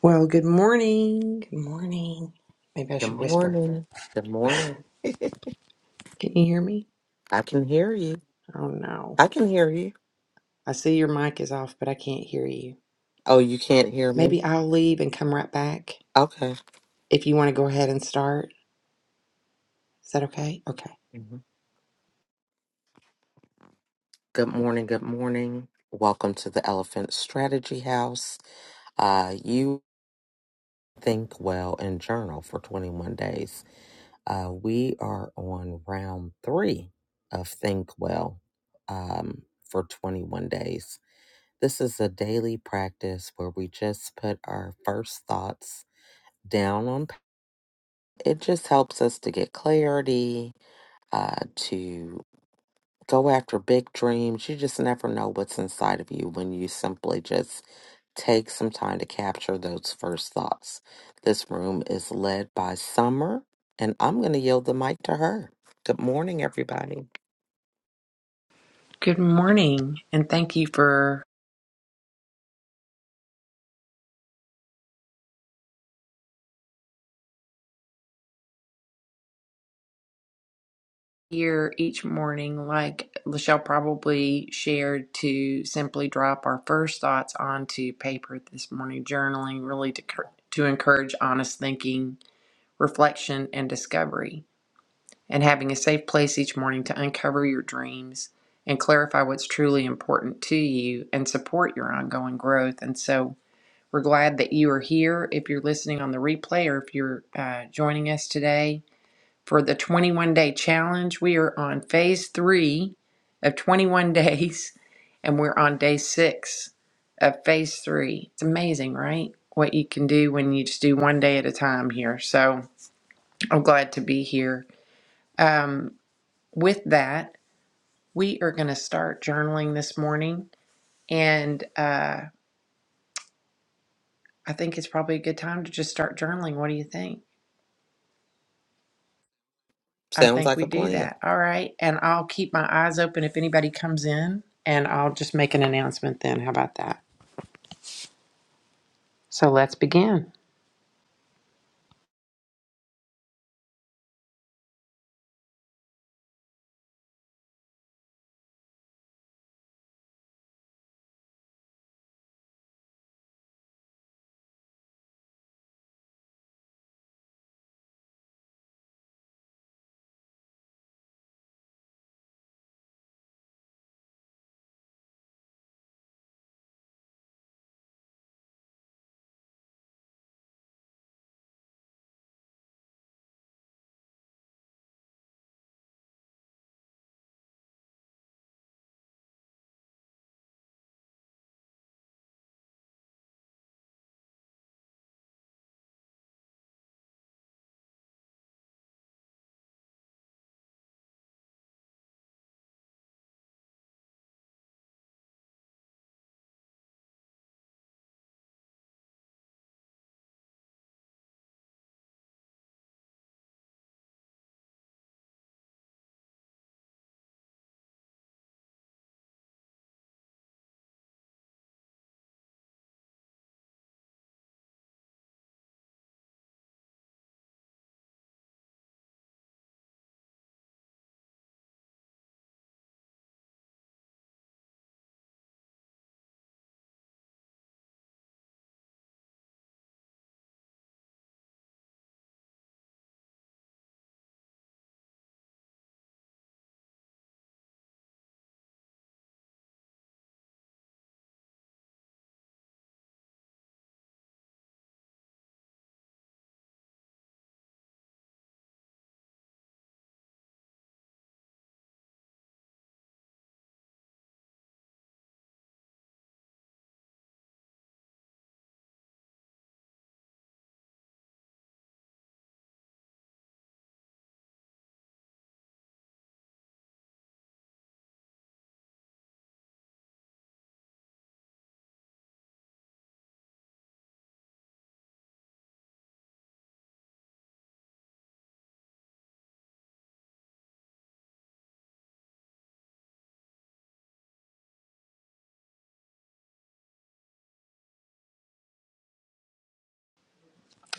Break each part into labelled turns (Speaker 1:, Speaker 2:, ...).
Speaker 1: Well, good morning. Good morning. Maybe I
Speaker 2: Good
Speaker 1: should whisper.
Speaker 2: morning. Good morning.
Speaker 1: Can you hear me?
Speaker 2: I can hear you.
Speaker 1: Oh no.
Speaker 2: I can hear you.
Speaker 1: I see your mic is off, but I can't hear you.
Speaker 2: Oh, you can't hear me?
Speaker 1: Maybe I'll leave and come right back
Speaker 2: Okay.
Speaker 1: if you want to go ahead and start. Is that okay? Okay.
Speaker 2: Mhm. Good morning. Good morning. Welcome to the Elephant Strategy House. Uh, you think well and journal for 21 days. Uh, we are on round three of Think Well um, for 21 days. This is a daily practice where we just put our first thoughts down on it just helps us to get clarity, uh, to go after big dreams. You just never know what's inside of you when you simply just take some time to capture those first thoughts. This room is led by Summer, and I'm going to yield the mic to her. Good morning, everybody.
Speaker 1: Good morning, and thank you for here each morning. Like Lachelle probably shared, to simply drop our first thoughts onto paper this morning, journaling really to, cur- to encourage honest thinking, reflection, and discovery. and having a safe place each morning to uncover your dreams and clarify what's truly important to you and support your ongoing growth. And so we're glad that you are here. If you're listening on the replay or if you're uh, joining us today for the 21 day challenge, we are on phase three of 21 days and we're on day six of phase three. It's amazing, right? What you can do when you just do one day at a time here. So I'm glad to be here. Um, with that, we are going to start journaling this morning. And uh, I think it's probably a good time to just start journaling. What do you think? I
Speaker 2: Sounds
Speaker 1: think
Speaker 2: like
Speaker 1: we
Speaker 2: a
Speaker 1: do
Speaker 2: plan.
Speaker 1: that. All right. And I'll keep my eyes open if anybody comes in, and I'll just make an announcement then. How about that? So let's begin.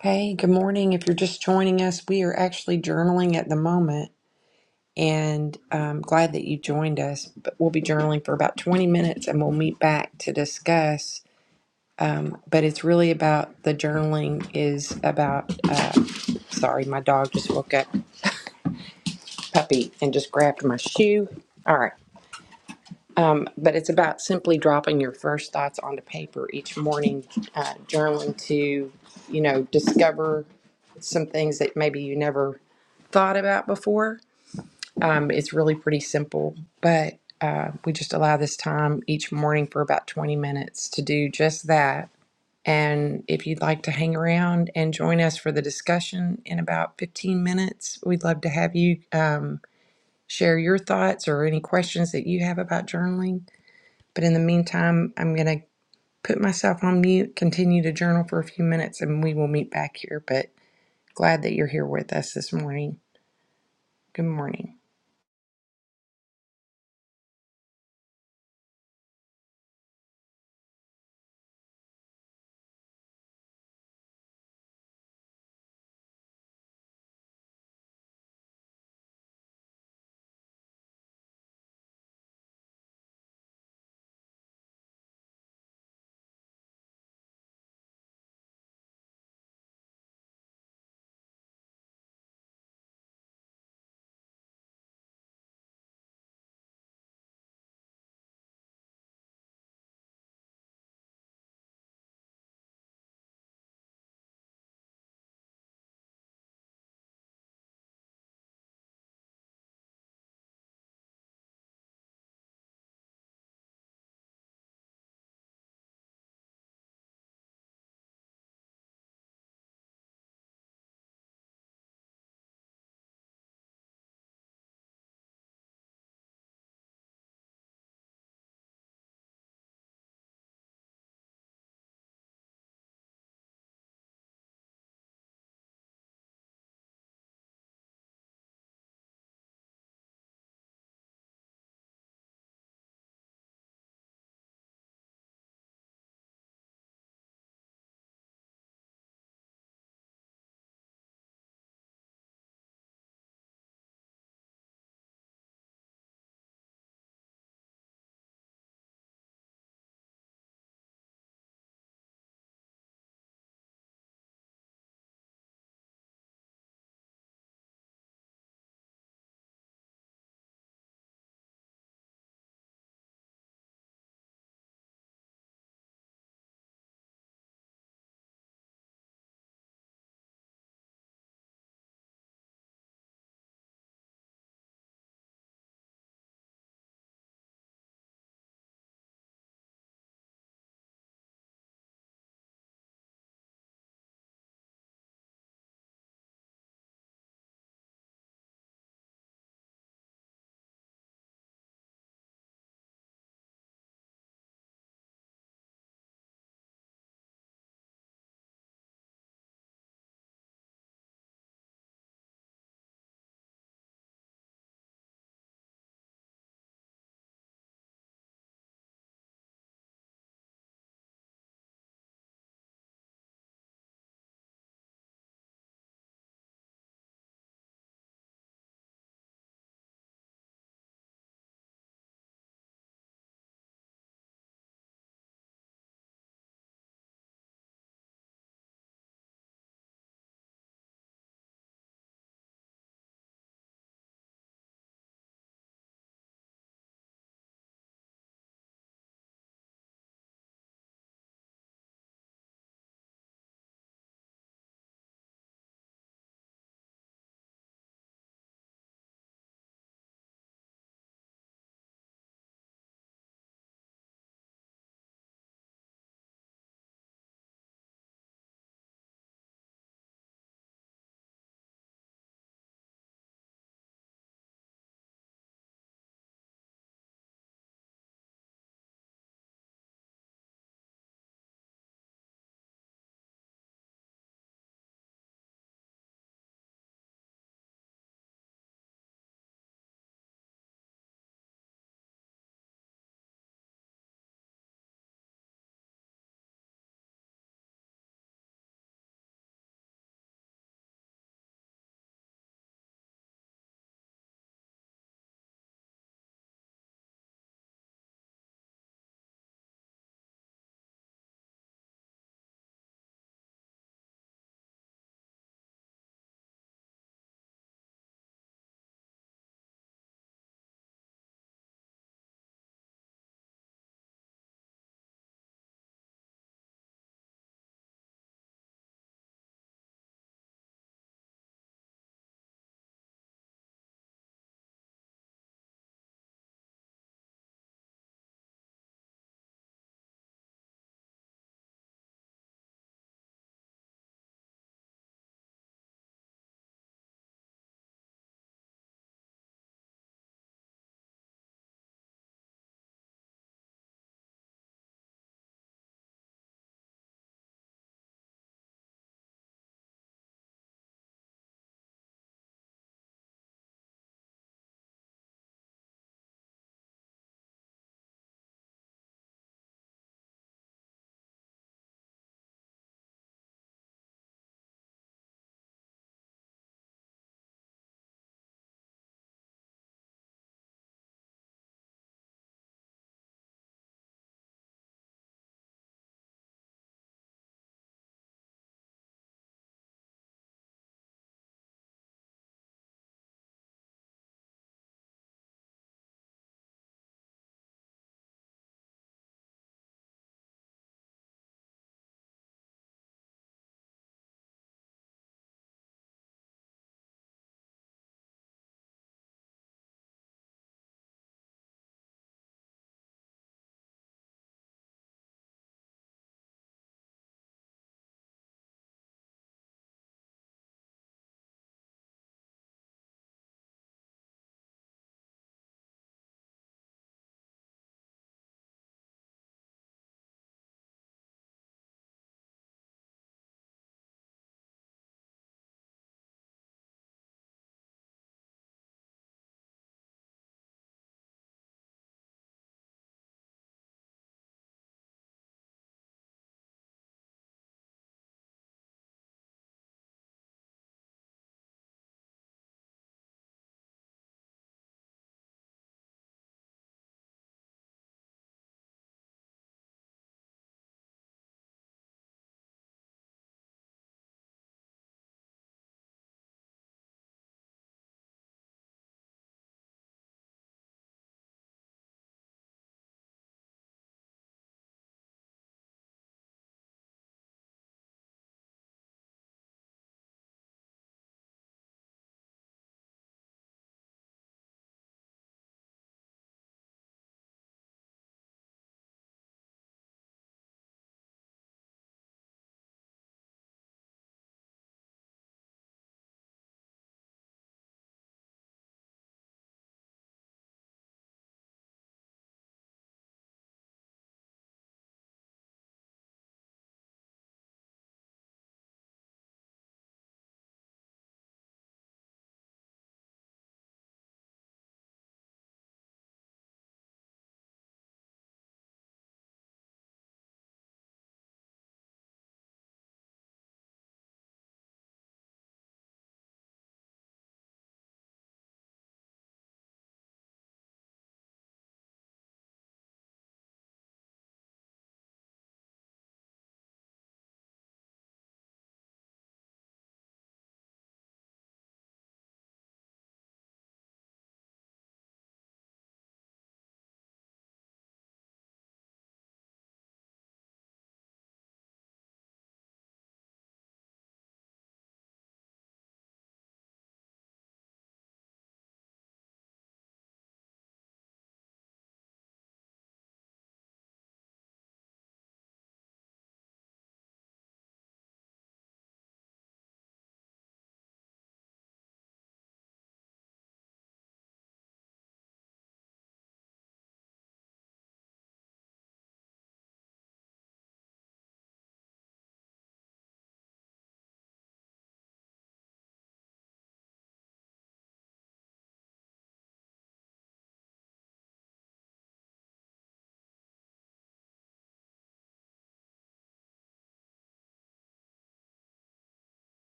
Speaker 1: Hey, good morning. If you're just joining us, we are actually journaling at the moment. And I'm glad that you joined us. But we'll be journaling for about 20 minutes and we'll meet back to discuss um, but it's really about the journaling is about uh, sorry my dog just woke up puppy and just grabbed my shoe all right um, but it's about simply dropping your first thoughts onto paper each morning uh, journaling to you know discover some things that maybe you never thought about before um, it's really pretty simple but uh, we just allow this time each morning for about 20 minutes to do just that And if you'd like to hang around and join us for the discussion in about 15 minutes, we'd love to have you um, share your thoughts or any questions that you have about journaling. But in the meantime, I'm going to put myself on mute, continue to journal for a few minutes, and we will meet back here. But glad that you're here with us this morning. Good morning.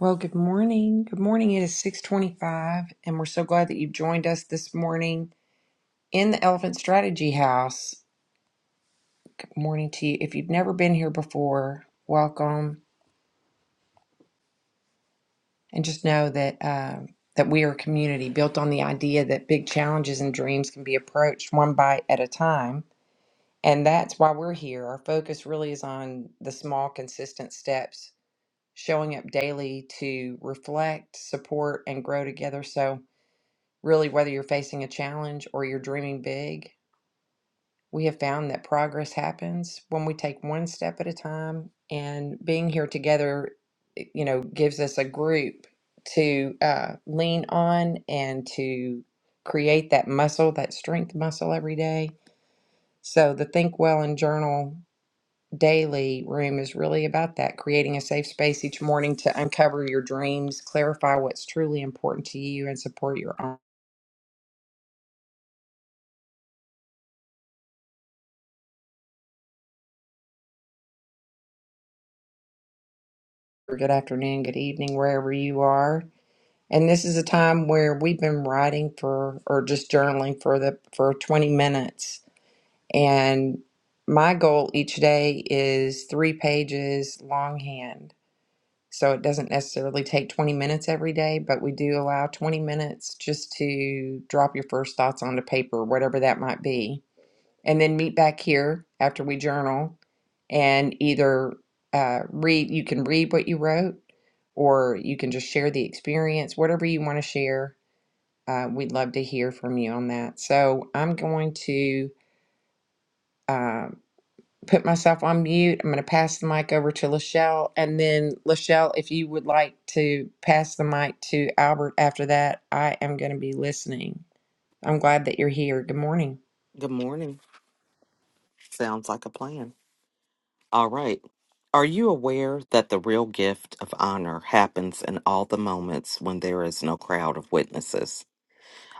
Speaker 1: Well, good morning. Good morning. It is 625, and we're so glad that you've joined us this morning in the Elephant Strategy House. morning to you. If you've never been here before, welcome, and just know that um that we are a community built on the idea that big challenges and dreams can be approached one bite at a time, and that's why we're here. Our focus really is on the small, consistent steps, showing up daily to reflect, support, and grow together. So, really, whether you're facing a challenge or you're dreaming big. We have found that progress happens when we take one step at a time, and being here together, eh, you know, gives us a group to uh, lean on and to create that muscle, that strength muscle every day. So the Think Well and Journal daily room is really about that creating a safe space each morning to uncover your dreams, clarify what's truly important to you, and support your own. Good afternoon, good evening, wherever you are. And this is a time where we've been writing for or just journaling for the for 20 minutes. And my goal each day is three pages longhand. So it doesn't necessarily take 20 minutes every day, but we do allow 20 minutes just to drop your first thoughts onto paper, whatever that might be. And then meet back here after we journal and either uh, read, you can read what you wrote, or you can just share the experience, whatever you want to share uh, we'd love to hear from you on that. So I'm going to uh, put myself on mute. I'm going to pass the mic over to Lachelle. And then, Lachelle, if you would like to pass the mic to Albert after that, I am going to be listening. I'm glad that you're here. Good morning.
Speaker 2: Good morning. Sounds like a plan. All right. Are you aware that the real gift of honor happens in all the moments when there is no crowd of witnesses?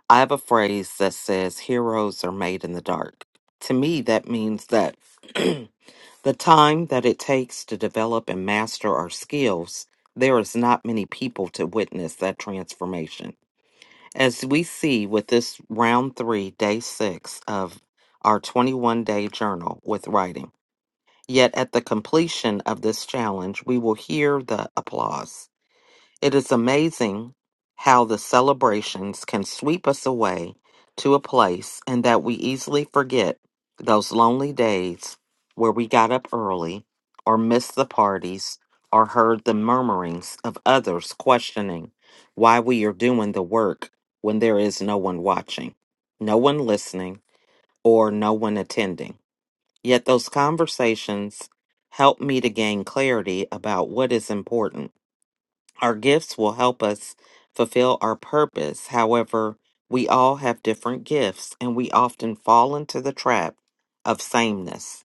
Speaker 2: I have a phrase that says heroes are made in the dark. To me, that means that the time that it takes to develop and master our skills, there is not many people to witness that transformation. As we see with this round three, day six of our 21 day journal with writing. Yet at the completion of this challenge, we will hear the applause. It is amazing how the celebrations can sweep us away to a place and that we easily forget those lonely days where we got up early or missed the parties or heard the murmurings of others questioning why we are doing the work when there is no one watching, no one listening, or no one attending. Yet those conversations help me to gain clarity about what is important our gifts will help us fulfill our purpose. However, we all have different gifts and we often fall into the trap of sameness.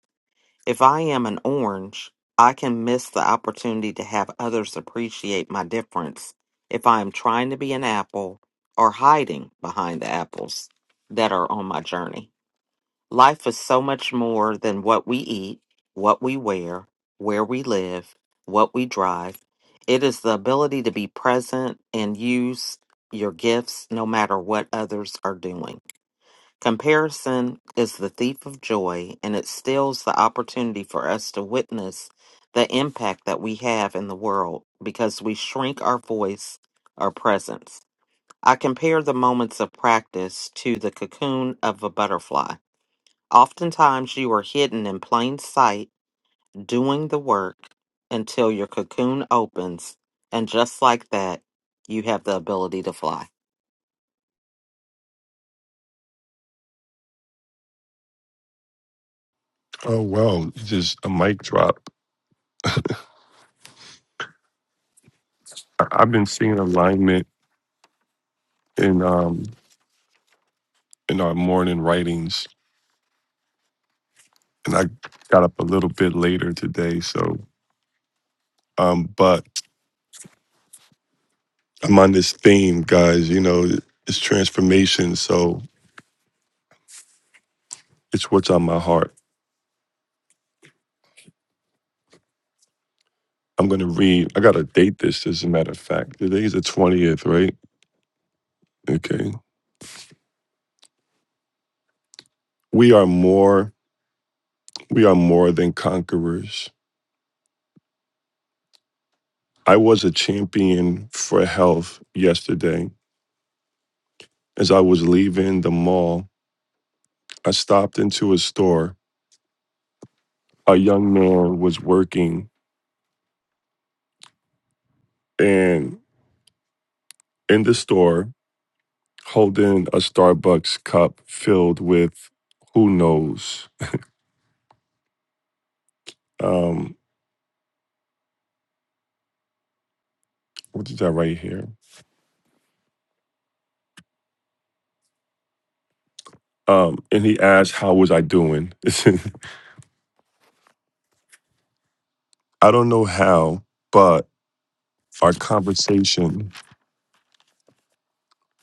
Speaker 2: If I am an orange, I can miss the opportunity to have others appreciate my difference if I am trying to be an apple or hiding behind the apples that are on my journey. Life is so much more than what we eat, what we wear, where we live, what we drive. It is the ability to be present and use your gifts no matter what others are doing. Comparison is the thief of joy and it steals the opportunity for us to witness the impact that we have in the world because we shrink our voice, our presence. I compare the moments of practice to the cocoon of a butterfly. Oftentimes, you are hidden in plain sight, doing the work until your cocoon opens. And just like that, you have the ability to fly.
Speaker 3: Oh wow, just a mic drop. I- I've been seeing alignment in um in our morning writings, and I got up a little bit later today. So, um, but I'm on this theme, guys. You know, it's transformation. So it's what's on my heart. I'm gonna read. I gotta date this, as a matter of fact. Today's the twentieth, right? Okay. We are more. We are more than conquerors. I was a champion for health yesterday as I was leaving the mall. I stopped into a store. A young man was working, and in the store, holding a Starbucks cup filled with who knows. Um, what is that right here? Um, and he asked, "How was I doing?" I don't know how, but our conversation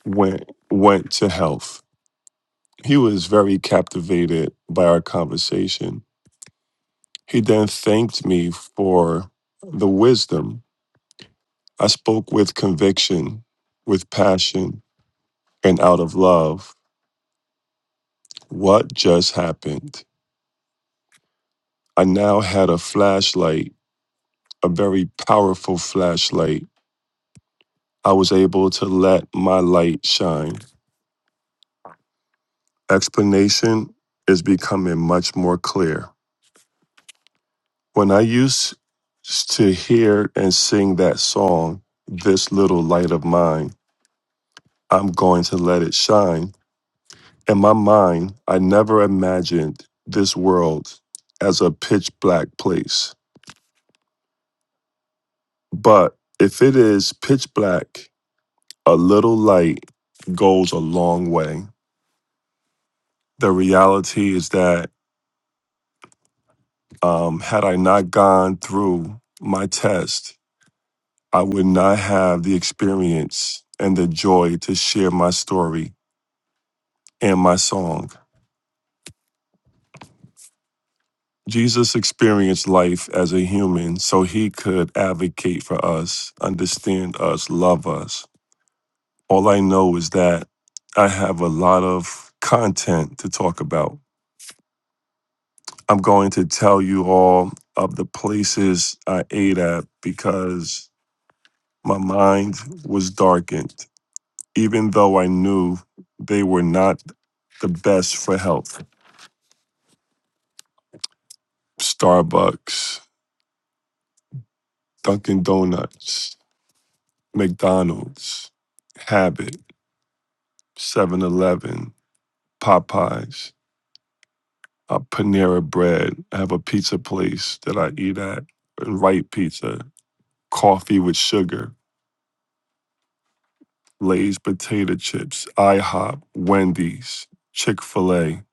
Speaker 3: went went to health. He was very captivated by our conversation. He then thanked me for the wisdom I spoke with conviction, with passion, and out of love. What just happened? I now had a flashlight, a very powerful flashlight. I was able to let my light shine. Explanation is becoming much more clear. When I used to hear and sing that song, This Little Light of Mine, I'm going to let it shine. In my mind, I never imagined this world as a pitch black place. But if it is pitch black, a little light goes a long way. The reality is that um, had I not gone through my test, I would not have the experience and the joy to share my story and my song. Jesus experienced life as a human so he could advocate for us, understand us, love us. All I know is that I have a lot of content to talk about. I'm going to tell you all of the places I ate at because my mind was darkened, even though I knew they were not the best for health. Starbucks, Dunkin' Donuts, McDonald's, Habit. 7 Eleven, Popeyes, uh, Panera Bread. I have a pizza place that I eat at, and Wright Pizza, coffee with sugar, Lay's potato chips, IHOP, Wendy's, Chick fil A,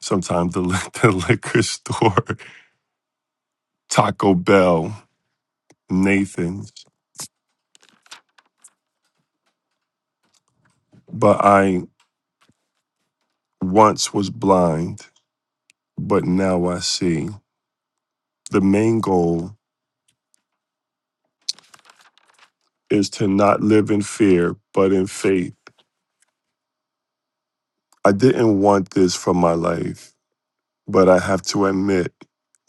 Speaker 3: sometimes the, li- the liquor store, Taco Bell, Nathan's. But I once was blind, but now I see. The main goal is to not live in fear, but in faith I didn't want this for my life, but I have to admit,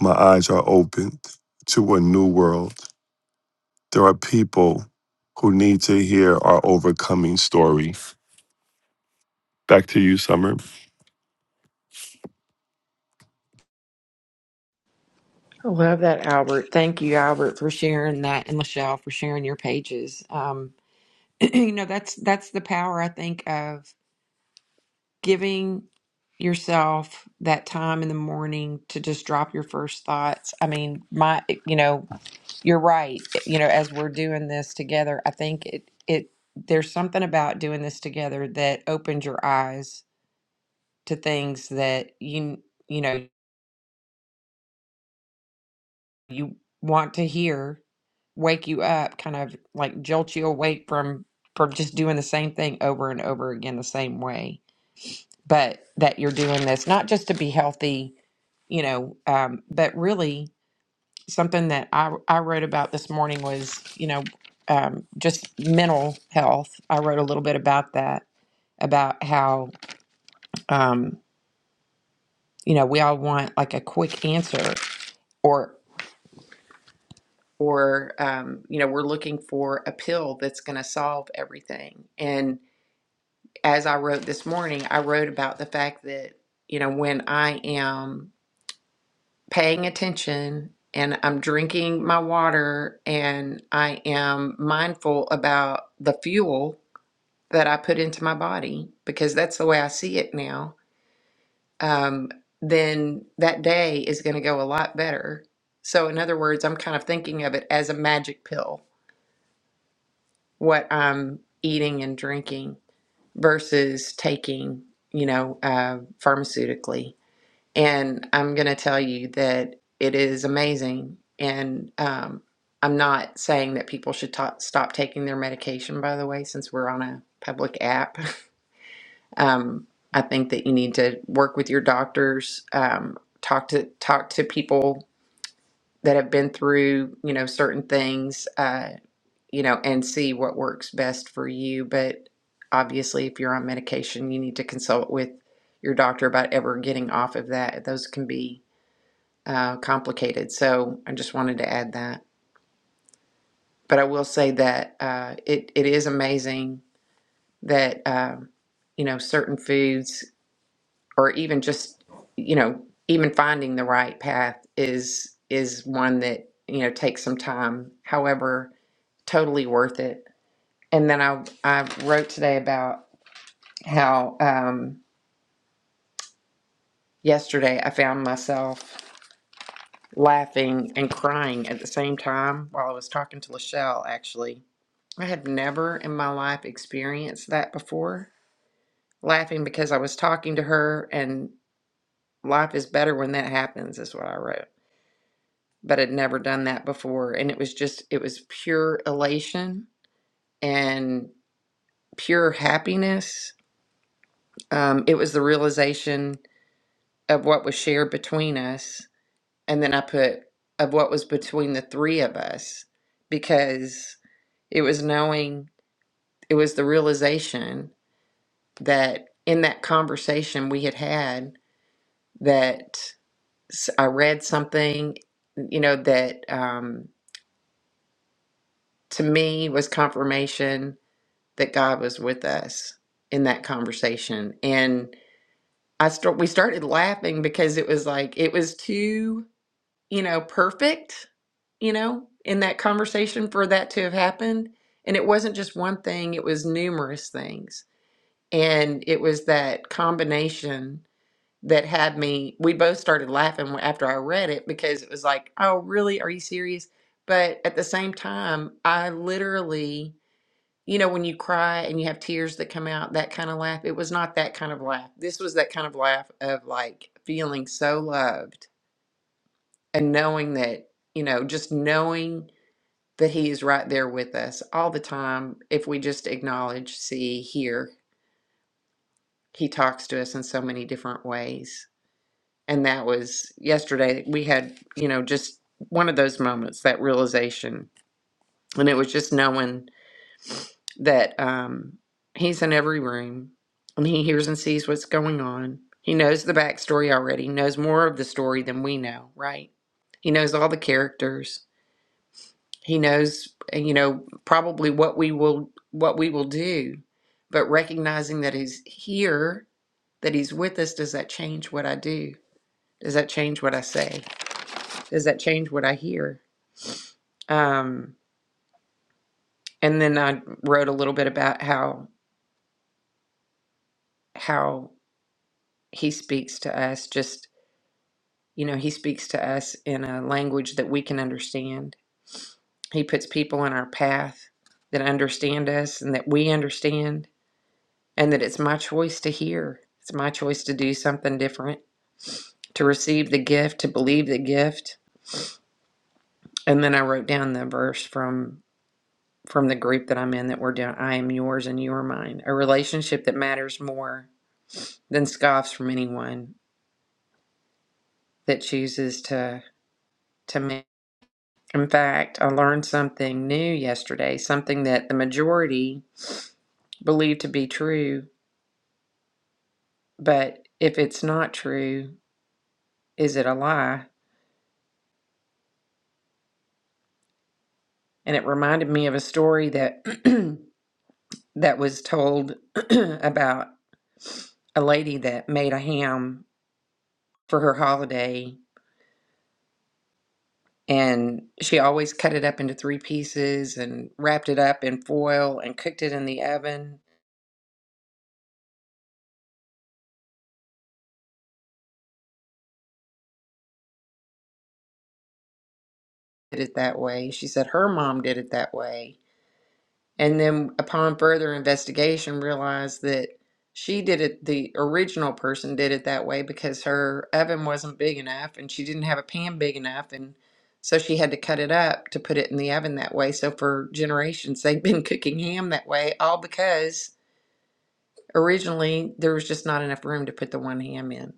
Speaker 3: my eyes are opened to a new world. There are people who need to hear our overcoming story. Back to you, Summer.
Speaker 1: I love that, Albert. Thank you, Albert, for sharing that, and Lachelle for sharing your pages. Um, you know, that's that's the power I think of. giving yourself that time in the morning to just drop your first thoughts. I mean, my, you know, you're right. You know, as we're doing this together, I think it, it, there's something about doing this together that opens your eyes to things that you, you know, you want to hear, wake you up, kind of like jolt you awake from, from just doing the same thing over and over again the same way. But that you're doing this not just to be healthy you know um, but really something that I, I wrote about this morning was you know um, just mental health i wrote a little bit about that about how um, you know we all want like a quick answer or or um, you know we're looking for a pill that's going to solve everything and as i wrote this morning i wrote about the fact that you know when i am paying attention and I'm drinking my water and I am mindful about the fuel that I put into my body because that's the way I see it now, um, then that day is going to go a lot better. So, in other words, I'm kind of thinking of it as a magic pill, what I'm eating and drinking versus taking, you know, uh, pharmaceutically. And I'm going to tell you that it is amazing. And um, I'm not saying that people should ta stop taking their medication, by the way, since we're on a public app. Um, I think that you need to work with your doctors, um, talk to talk to people that have been through, you know, certain things, uh, you know, and see what works best for you. But obviously, if you're on medication, you need to consult with your doctor about ever getting off of that. Those can be uh, complicated. So I just wanted to add that. But I will say that uh, it it is amazing that um, you know certain foods, or even just you know even finding the right path is is one that you know takes some time. However, totally worth it. And then I I wrote today about how um, yesterday I found myself laughing and crying at the same time while I was talking to Lachelle actually I had never in my life experienced that before. Laughing because I was talking to her, and life is better when that happens, is what I wrote. But I'd never done that before. And it was just, it was pure elation and pure happiness. Um, it was the realization of what was shared between us. And then I put of what was between the three of us because it was knowing, it was the realization that in that conversation we had had that s- I read something, you know, that um, to me was confirmation that God was with us in that conversation, and I start we started laughing because it was like it was too, you know, perfect, you know, in that conversation for that to have happened, and it wasn't just one thing; it was numerous things, and it was that combination that had me we both started laughing after I read it because it was like, "Oh, really? Are you serious?" But at the same time, I literally, you know, when you cry and you have tears that come out, that kind of laugh, it was not that kind of laugh. This was that kind of laugh of like feeling so loved and knowing that, you know, just knowing that he is right there with us all the time if we just acknowledge, see, hear. He talks to us in so many different ways. and that was yesterday we had you know just one of those moments that realization and it was just knowing that um, he's in every room and he hears and sees what's going on he knows the backstory already knows more of the story than we know right he knows all the characters he knows eh, you know probably what we will what we will do but recognizing that he's here that he's with us does that change what i do does that change what i say does that change what I hear? Um, and then I wrote a little bit about how how he speaks to us. Just you know, he speaks to us in a language that we can understand. He puts people in our path that understand us and that we understand, and that it's my choice to hear. It's my choice to do something different, to receive the gift, to believe the gift. And then I wrote down the verse from from the group that I'm in that we're doing. I am yours and you are mine. A relationship that matters more than scoffs from anyone that chooses to to make. In fact, I learned something new yesterday, something that the majority believe to be true, but if it's not true, is it a lie? And it reminded me of a story that that was told about a lady that made a ham for her holiday and she always cut it up into three pieces and wrapped it up in foil and cooked it in the oven did it that way. She said her mom did it that way. And then upon further investigation realized that she did it the original person did it that way because her oven wasn't big enough and she didn't have a pan big enough and so she had to cut it up to put it in the oven that way. So for generations they've been cooking ham that way all because originally there was just not enough room to put the one ham in.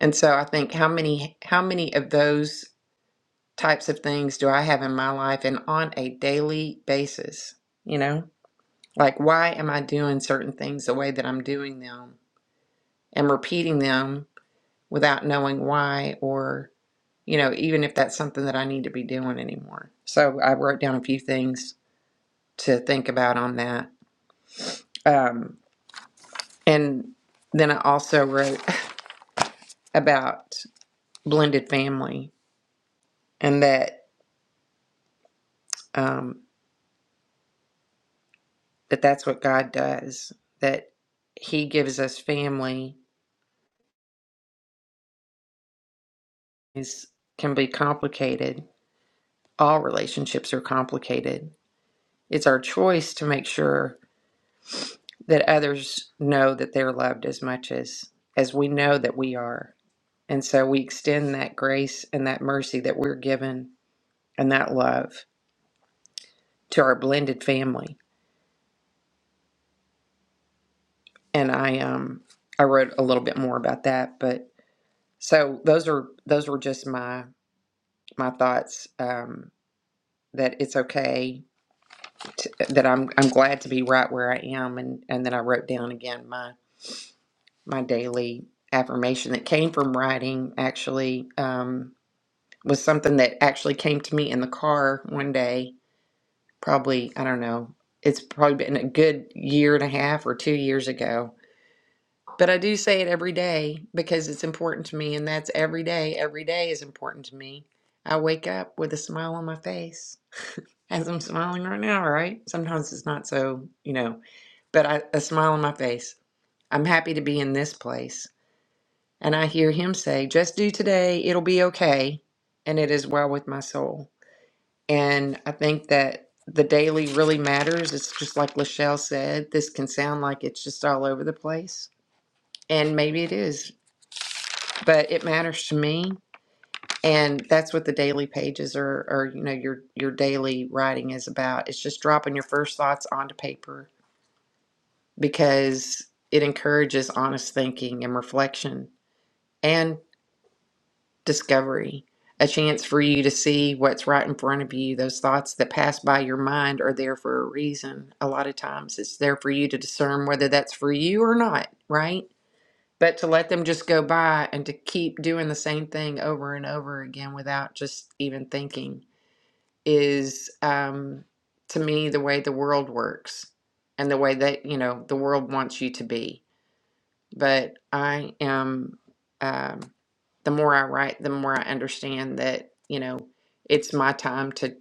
Speaker 1: And so I think how many how many of those types of things do I have in my life and on a daily basis? You know, like why am I doing certain things the way that I'm doing them and repeating them without knowing why or, you know, even if that's something that I need to be doing anymore? So I wrote down a few things to think about on that. Um, and then I also wrote about blended family and that, um, that that's what God does, that He gives us family things can be complicated. All relationships are complicated. It's our choice to make sure that others know that they're loved as much as as we know that we are. And so we extend that grace and that mercy that we're given and that love to our blended family. And I um I wrote a little bit more about that, but so those are those were just my my thoughts um that it's okay t- that I'm I'm glad to be right where I am and and then I wrote down again my my daily affirmation that came from writing actually um was something that actually came to me in the car one day probably I don't know it's probably been a good year and a half or 2 years ago but I do say it every day because it's important to me and that's every day every day is important to me I wake up with a smile on my face As I'm smiling right now, right? Sometimes it's not so, you know, but I, a smile on my face. I'm happy to be in this place. And I hear him say, just do today, it'll be okay. And it is well with my soul. And I think that the daily really matters. It's just like Lachelle said, this can sound like it's just all over the place. And maybe it is, but it matters to me. And that's what the daily pages are, or you know, your your daily writing is about. It's just dropping your first thoughts onto paper because it encourages honest thinking and reflection and discovery. A chance for you to see what's right in front of you. Those thoughts that pass by your mind are there for a reason. A lot of times it's there for you to discern whether that's for you or not, right? But to let them just go by and to keep doing the same thing over and over again without just even thinking is, um, to me, the way the world works and the way that, you know, the world wants you to be but I am. Um, the more I write, the more I understand that you know it's my time to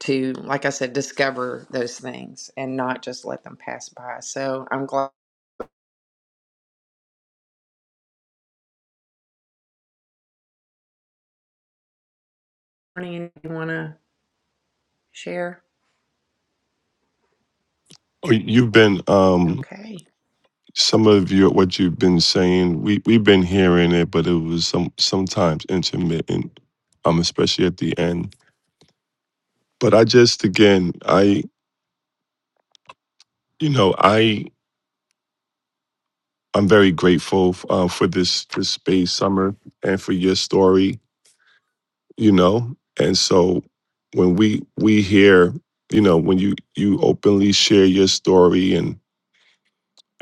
Speaker 1: to like I said, discover those things and not just let them pass by. So I'm glad. Morning, you want to share?
Speaker 3: Oh, You've been um,
Speaker 1: Okay.
Speaker 3: some of your what you've been saying. We we've been hearing it, but it was some sometimes intermittent, um, especially at the end. But I just again, I you know, I I'm very grateful uh, for this this space, Summer, and for your story. You know, and so when we we hear, you know, when you you openly share your story and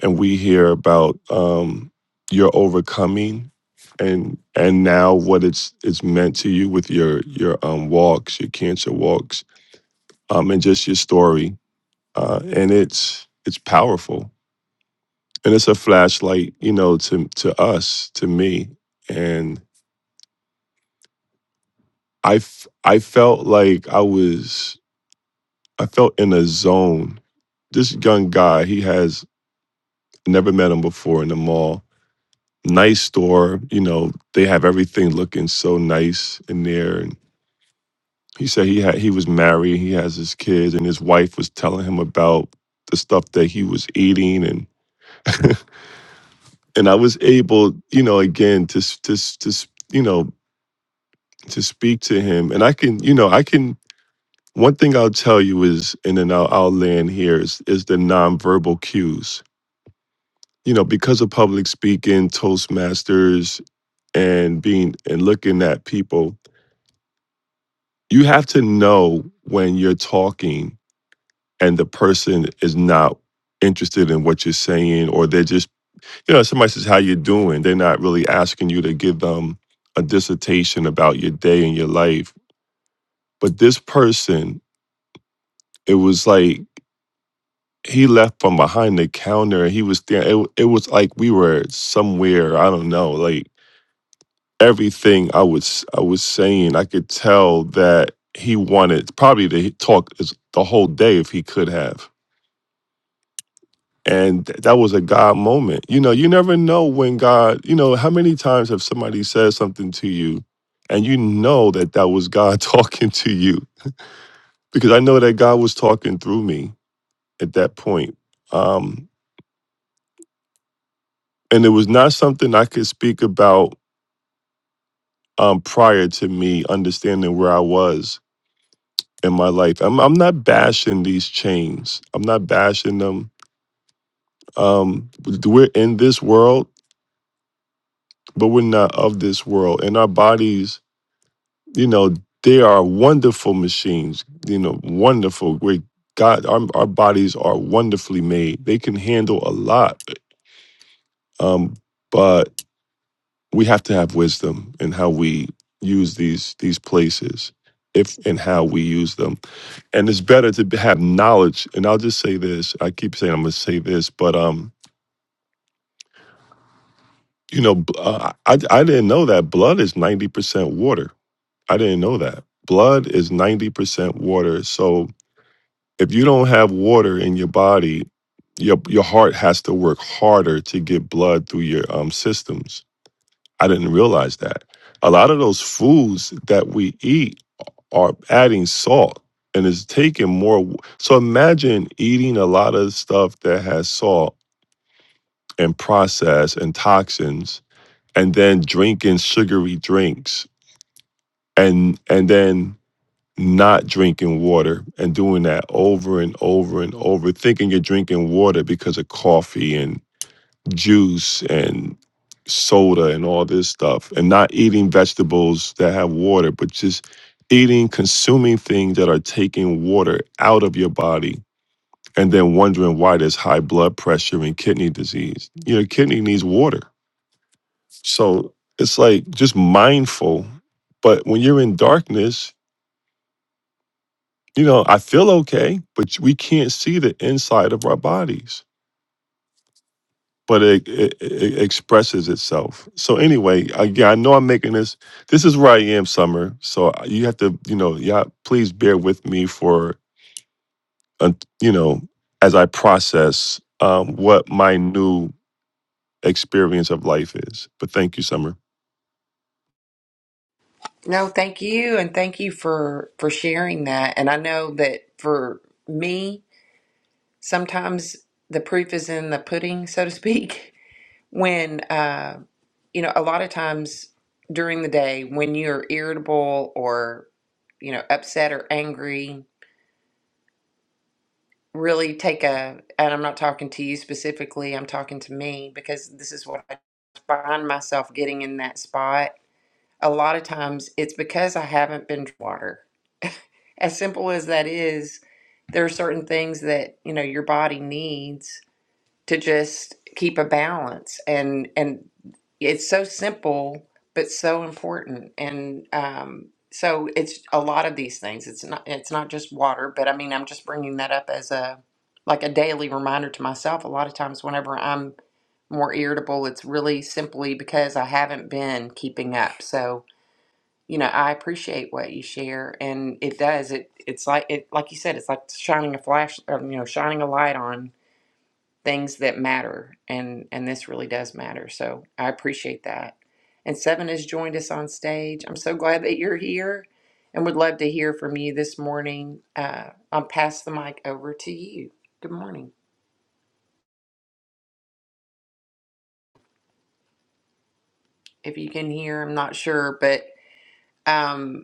Speaker 3: and we hear about um, your overcoming and and now what it's it's meant to you with your your um, walks, your cancer walks, um, and just your story, uh, and it's it's powerful and it's a flashlight, you know, to to us, to me, and I f- I felt like I was I felt in a zone. This young guy, he has never met him before in the mall. Nice store, you know, they have everything looking so nice in there. And he said he had he was married, he has his kids, and his wife was telling him about the stuff that he was eating and and I was able, you know, again to s- to s- to s- you know to speak to him, and I can, you know, I can One thing I'll tell you is, and then I'll, I'll land here, is, is the nonverbal cues. You know, because of public speaking, Toastmasters, and being and looking at people, you have to know when you're talking and the person is not interested in what you're saying, or they're just, you know, somebody says, How you doing? They're not really asking you to give them a dissertation about your day and your life. But this person, it was like he left from behind the counter he was there it, it was like we were somewhere i don't know like everything i was i was saying i could tell that he wanted probably to talk is- the whole day if he could have and th- that was a god moment you know you never know when god you know how many times have somebody said something to you and you know that that was god talking to you because i know that god was talking through me at that point Um. and it was not something I could speak about um, prior to me understanding where I was in my life. I'm I'm not bashing these chains. I'm not bashing them. Um, we're in this world, but we're not of this world. And our bodies, you know, they are wonderful machines. You know, wonderful. Great God, our our bodies are wonderfully made. They can handle a lot. Um, but we have to have wisdom in how we use these these places if and how we use them and it's better to have knowledge and i'll just say this i keep saying i'm going to say this but um you know b- uh, I, I didn't know that blood is 90% water i didn't know that blood is 90% water so if you don't have water in your body your your heart has to work harder to get blood through your um systems i didn't realize that a lot of those foods that we eat are adding salt and it's taking more. w- So imagine eating a lot of stuff that has salt and processed and toxins, and then drinking sugary drinks and and then not drinking water and doing that over and over and over, thinking you're drinking water because of coffee and juice and soda and all this stuff and not eating vegetables that have water but just eating consuming things that are taking water out of your body and then wondering why there's high blood pressure and kidney disease your kidney needs water so it's like just mindful but when you're in darkness you know i feel okay but we can't see the inside of our bodies but it, it, it expresses itself. So anyway, again, I know I'm making this. This is where I am, Summer. So you have to, you know, yeah, please bear with me for, uh, you know, as I process um, what my new experience of life is. But thank you, Summer.
Speaker 1: No, thank you, and thank you for for sharing that. And I know that for me, sometimes the proof is in the pudding, so to speak. when uh, you know a lot of times during the day when you're irritable or you know upset or angry really take a and i'm not talking to you specifically i'm talking to me because this is what i find myself getting in that spot a lot of times it's because i haven't been drinking water as simple as that is there are certain things that you know your body needs to just keep a balance and and it's so simple but so important and um so it's a lot of these things it's not it's not just water but i mean i'm just bringing that up as a like a daily reminder to myself a lot of times whenever i'm more irritable it's really simply because i haven't been keeping up so you know i appreciate what you share and it does it it's like it like you said it's like shining a flash um, you know shining a light on things that matter and and this really does matter so i appreciate that and seven has joined us on stage i'm so glad that you're here and would love to hear from you this morning uh, i'll pass the mic over to you good morning if you can hear i'm not sure but um,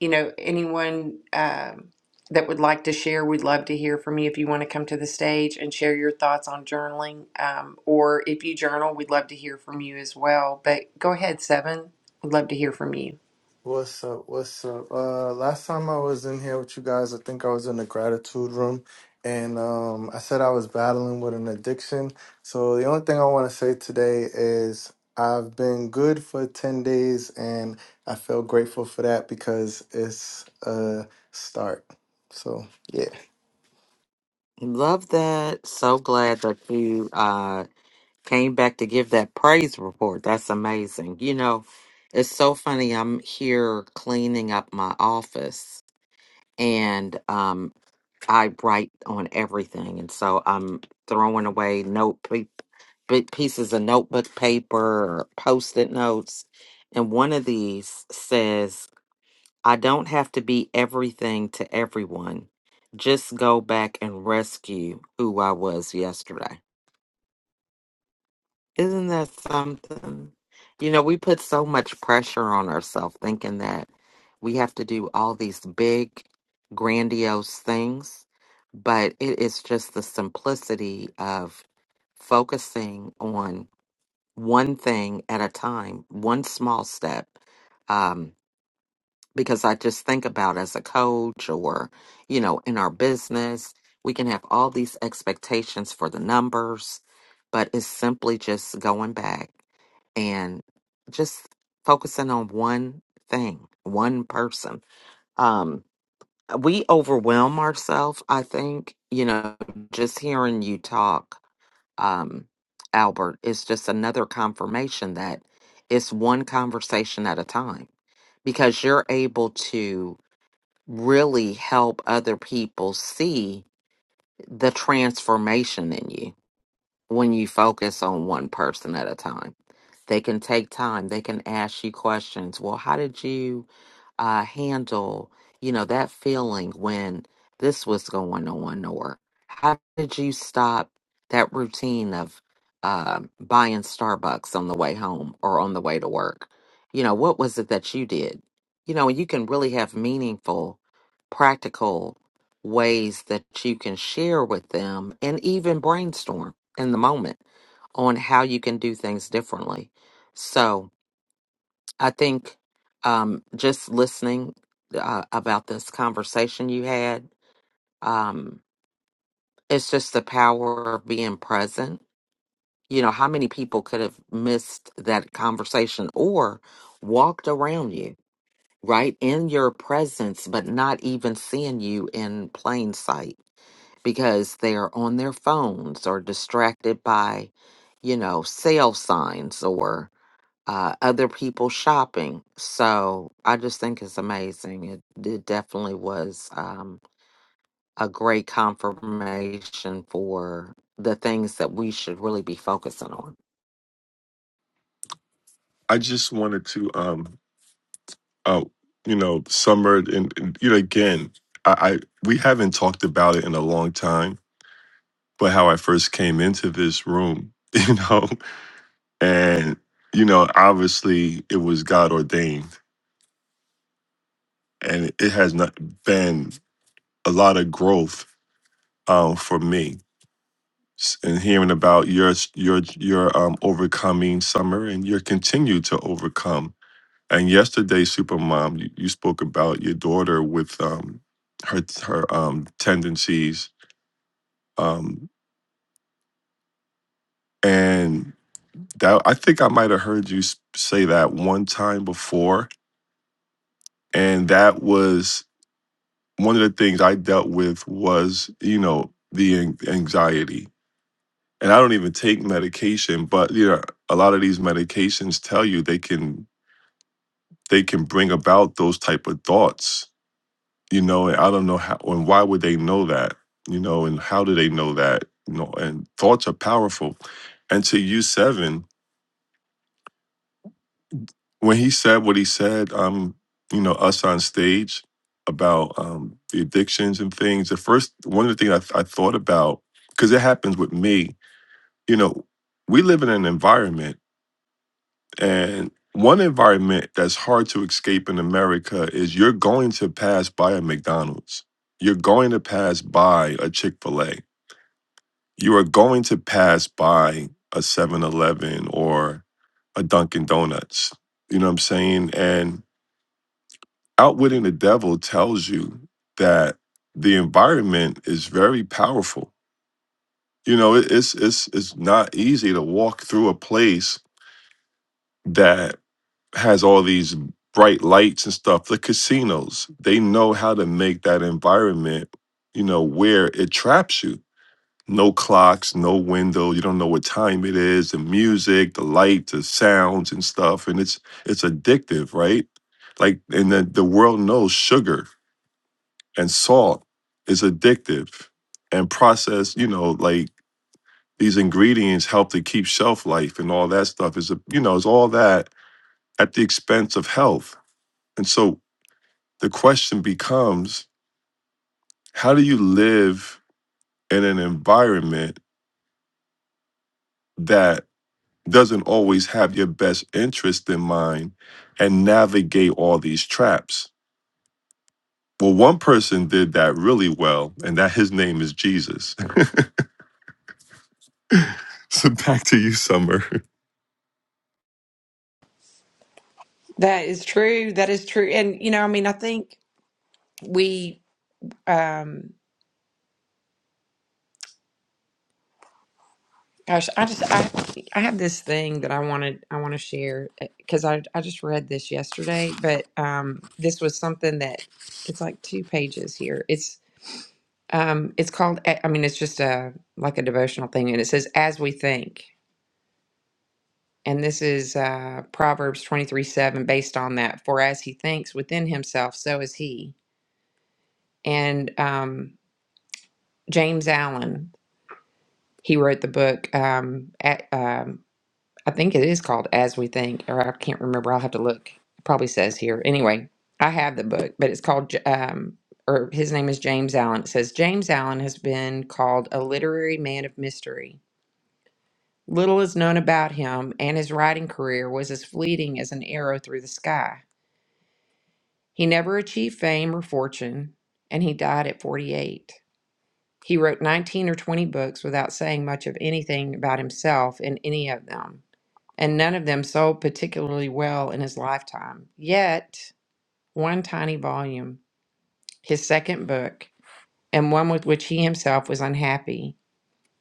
Speaker 1: you know, anyone um, that would like to share, we'd love to hear from you if you want to come to the stage and share your thoughts on journaling. Um, or if you journal, we'd love to hear from you as well. But go ahead, Seven. We'd love to hear from you.
Speaker 4: What's up? What's up? Uh, last time I was in here with you guys, I think I was in the gratitude room, and um, I said I was battling with an addiction. So the only thing I want to say today is I've been good for ten days, and I feel grateful for that because it's a start. So yeah.
Speaker 2: Love that. So glad that you uh, came back to give that praise report. That's amazing. You know, it's so funny. I'm here cleaning up my office. And um, I write on everything, and so I'm throwing away note pa- big pieces of notebook paper or post-it notes. And one of these says, "I don't have to be everything to everyone. Just go back and rescue who I was yesterday." Isn't that something? You know, we put so much pressure on ourselves thinking that we have to do all these big, grandiose things, but it is just the simplicity of focusing on one thing at a time, one small step. Um, because I just think about as a coach or, you know, in our business, we can have all these expectations for the numbers, but it's simply just going back and just focusing on one thing, one person. Um, we overwhelm ourselves, I think, you know, just hearing you talk, um, Albert, is just another confirmation that it's one conversation at a time because you're able to really help other people see the transformation in you when you focus on one person at a time. They can take time. They can ask you questions. Well, how did you uh, handle, you know, that feeling when this was going on, or how did you stop that routine of um buying Starbucks on the way home or on the way to work? You know, what was it that you did? You know, and you can really have meaningful, practical ways that you can share with them and even brainstorm in the moment on how you can do things differently. So I think um, just listening uh, about this conversation you had, um, it's just the power of being present. You know, how many people could have missed that conversation or walked around you, right, in your presence, but not even seeing you in plain sight? because they are on their phones or distracted by, you know, sale signs or uh, other people shopping. So I just think it's amazing. It, it definitely was um, a great confirmation for the things that we should really be focusing on.
Speaker 3: I just wanted to, um, uh, you know, Summer, and, and you know, again, I, I we haven't talked about it in a long time, but how I first came into this room, you know. and you know obviously it was god ordained and it has not been a lot of growth um, for me S- and hearing about your s- your your um, overcoming summer and your continue to overcome and yesterday supermom you, you spoke about your daughter with um, her her um, tendencies um, and that i think i might have heard you s- say that one time before and that was one of the things I dealt with was, you know, the an- anxiety. And I don't even take medication, but you know, a lot of these medications tell you they can they can bring about those type of thoughts, you know, and I don't know how and why would they know that, you know, and how do they know that? You know, and thoughts are powerful. And to you seven, when he said what he said, um, you know, us on stage about um, the addictions and things, the first one of the things I, I thought about, because it happens with me, you know, we live in an environment, and one environment that's hard to escape in America is you're going to pass by a McDonald's, you're going to pass by a Chick fil A, you are going to pass by a Seven Eleven or a Dunkin' Donuts. You know what I'm saying? And Outwitting the Devil tells you that the environment is very powerful. You know, it, it's it's it's not easy to walk through a place that has all these bright lights and stuff. The casinos, they know how to make that environment, you know, where it traps you. No clocks, no window, you don't know what time it is, the music, the light, the sounds and stuff. And it's it's addictive, right? Like and the, the world knows sugar and salt is addictive and processed you know like these ingredients help to keep shelf life and all that stuff is a you know is all that at the expense of health and so the question becomes how do you live in an environment that doesn't always have your best interest in mind and navigate all these traps well one person did that really well and that his name is jesus so back to you summer
Speaker 1: That is true. That is true. And you know, I mean, I think we um gosh, I just I I have this thing that I wanted I want to share cuz I I just read this yesterday, but um this was something that it's like two pages here. It's Um, it's called, I mean, it's just a like a devotional thing, and it says, "As we think." And this is uh, Proverbs twenty-three seven, based on that. For as he thinks within himself, so is he. And um, James Allen, he wrote the book. Um, at, um, I think it is called "As We Think," or I can't remember. I'll have to look. It probably says here. Anyway, I have the book, but it's called. J- Um, or his name is James Allen. It says James Allen has been called a literary man of mystery Little is known about him, and his writing career was as fleeting as an arrow through the sky. He never achieved fame or fortune, and he died at 48. He wrote 19 or 20 books without saying much of anything about himself in any of them, and none of them sold particularly well in his lifetime. Yet, one tiny volume, his second book, and one with which he himself was unhappy,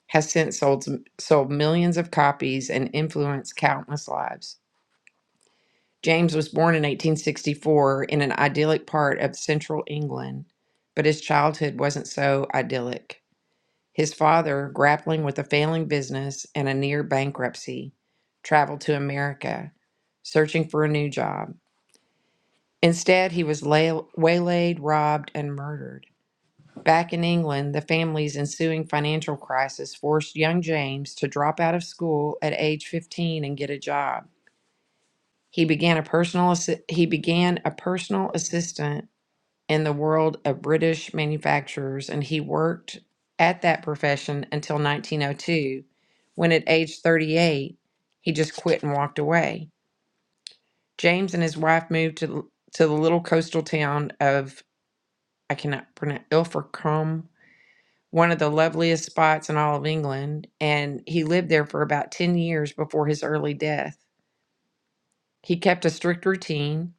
Speaker 1: has since sold, sold millions of copies and influenced countless lives. James was born in 1864 in an idyllic part of central England, but his childhood wasn't so idyllic. His father, grappling with a failing business and a near bankruptcy, traveled to America, searching for a new job. Instead, he was lay- waylaid, robbed, and murdered. Back in England, the family's ensuing financial crisis forced young James to drop out of school at age 15 and get a job. He began a personal assi- he began a personal assistant in the world of British manufacturers, and he worked at that profession until 1902, when at age 38 he just quit and walked away. James and his wife moved to to the little coastal town of I cannot pronounce Ilfracombe, one of the loveliest spots in all of England, and he lived there for about 10 years before his early death. He kept a strict routine.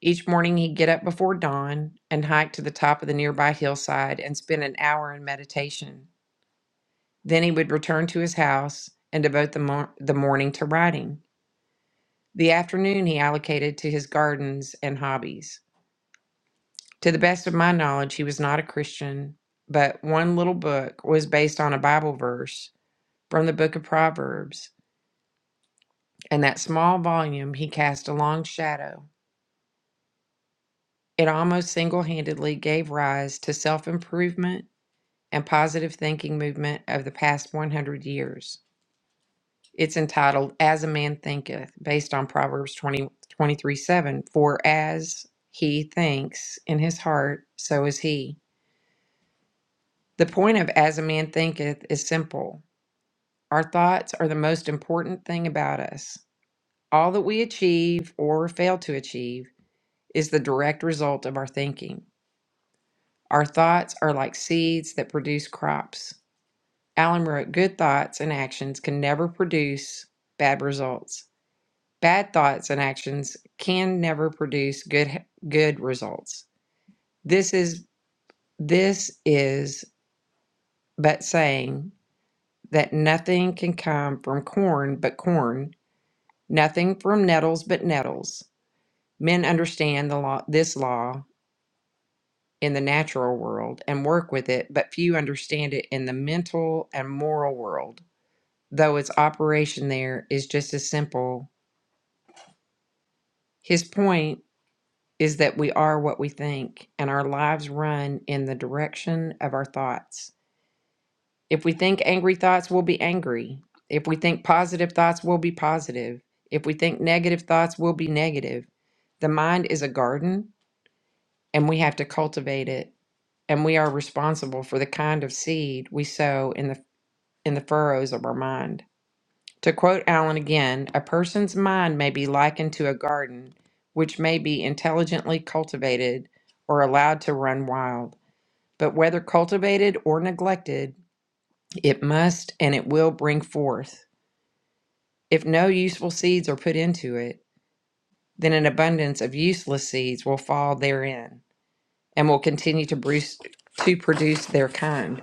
Speaker 1: Each morning, he'd get up before dawn and hike to the top of the nearby hillside and spend an hour in meditation. Then he would return to his house and devote the, mor- the morning to writing. The afternoon he allocated to his gardens and hobbies. To the best of my knowledge, he was not a Christian, but one little book was based on a Bible verse from the book of Proverbs, and that small volume he cast a long shadow It almost single handedly gave rise to self improvement and positive thinking movement of the past 100 years. It's entitled As a Man Thinketh, based on Proverbs 20, twenty-three 7. For as he thinks in his heart, so is he. The point of As a Man Thinketh is simple our thoughts are the most important thing about us. All that we achieve or fail to achieve is the direct result of our thinking. Our thoughts are like seeds that produce crops. Allen wrote, Good thoughts and actions can never produce bad results. Bad thoughts and actions can never produce good good results. This is this is but saying that nothing can come from corn but corn, nothing from nettles but nettles. Men understand the law this law in the natural world and work with it, but few understand it in the mental and moral world. though its operation there is just as simple. His point is that we are what we think, and our lives run in the direction of our thoughts. If we think angry thoughts, we'll be angry. If we think positive thoughts, we'll be positive. If we think negative thoughts, we'll be negative. The mind is a garden, and we have to cultivate it, and we are responsible for the kind of seed we sow in the in the furrows of our mind. To quote Allen again, a person's mind may be likened to a garden, which may be intelligently cultivated or allowed to run wild. But whether cultivated or neglected, it must and it will bring forth. If no useful seeds are put into it, then an abundance of useless seeds will fall therein and will continue to, bruce, to produce their kind.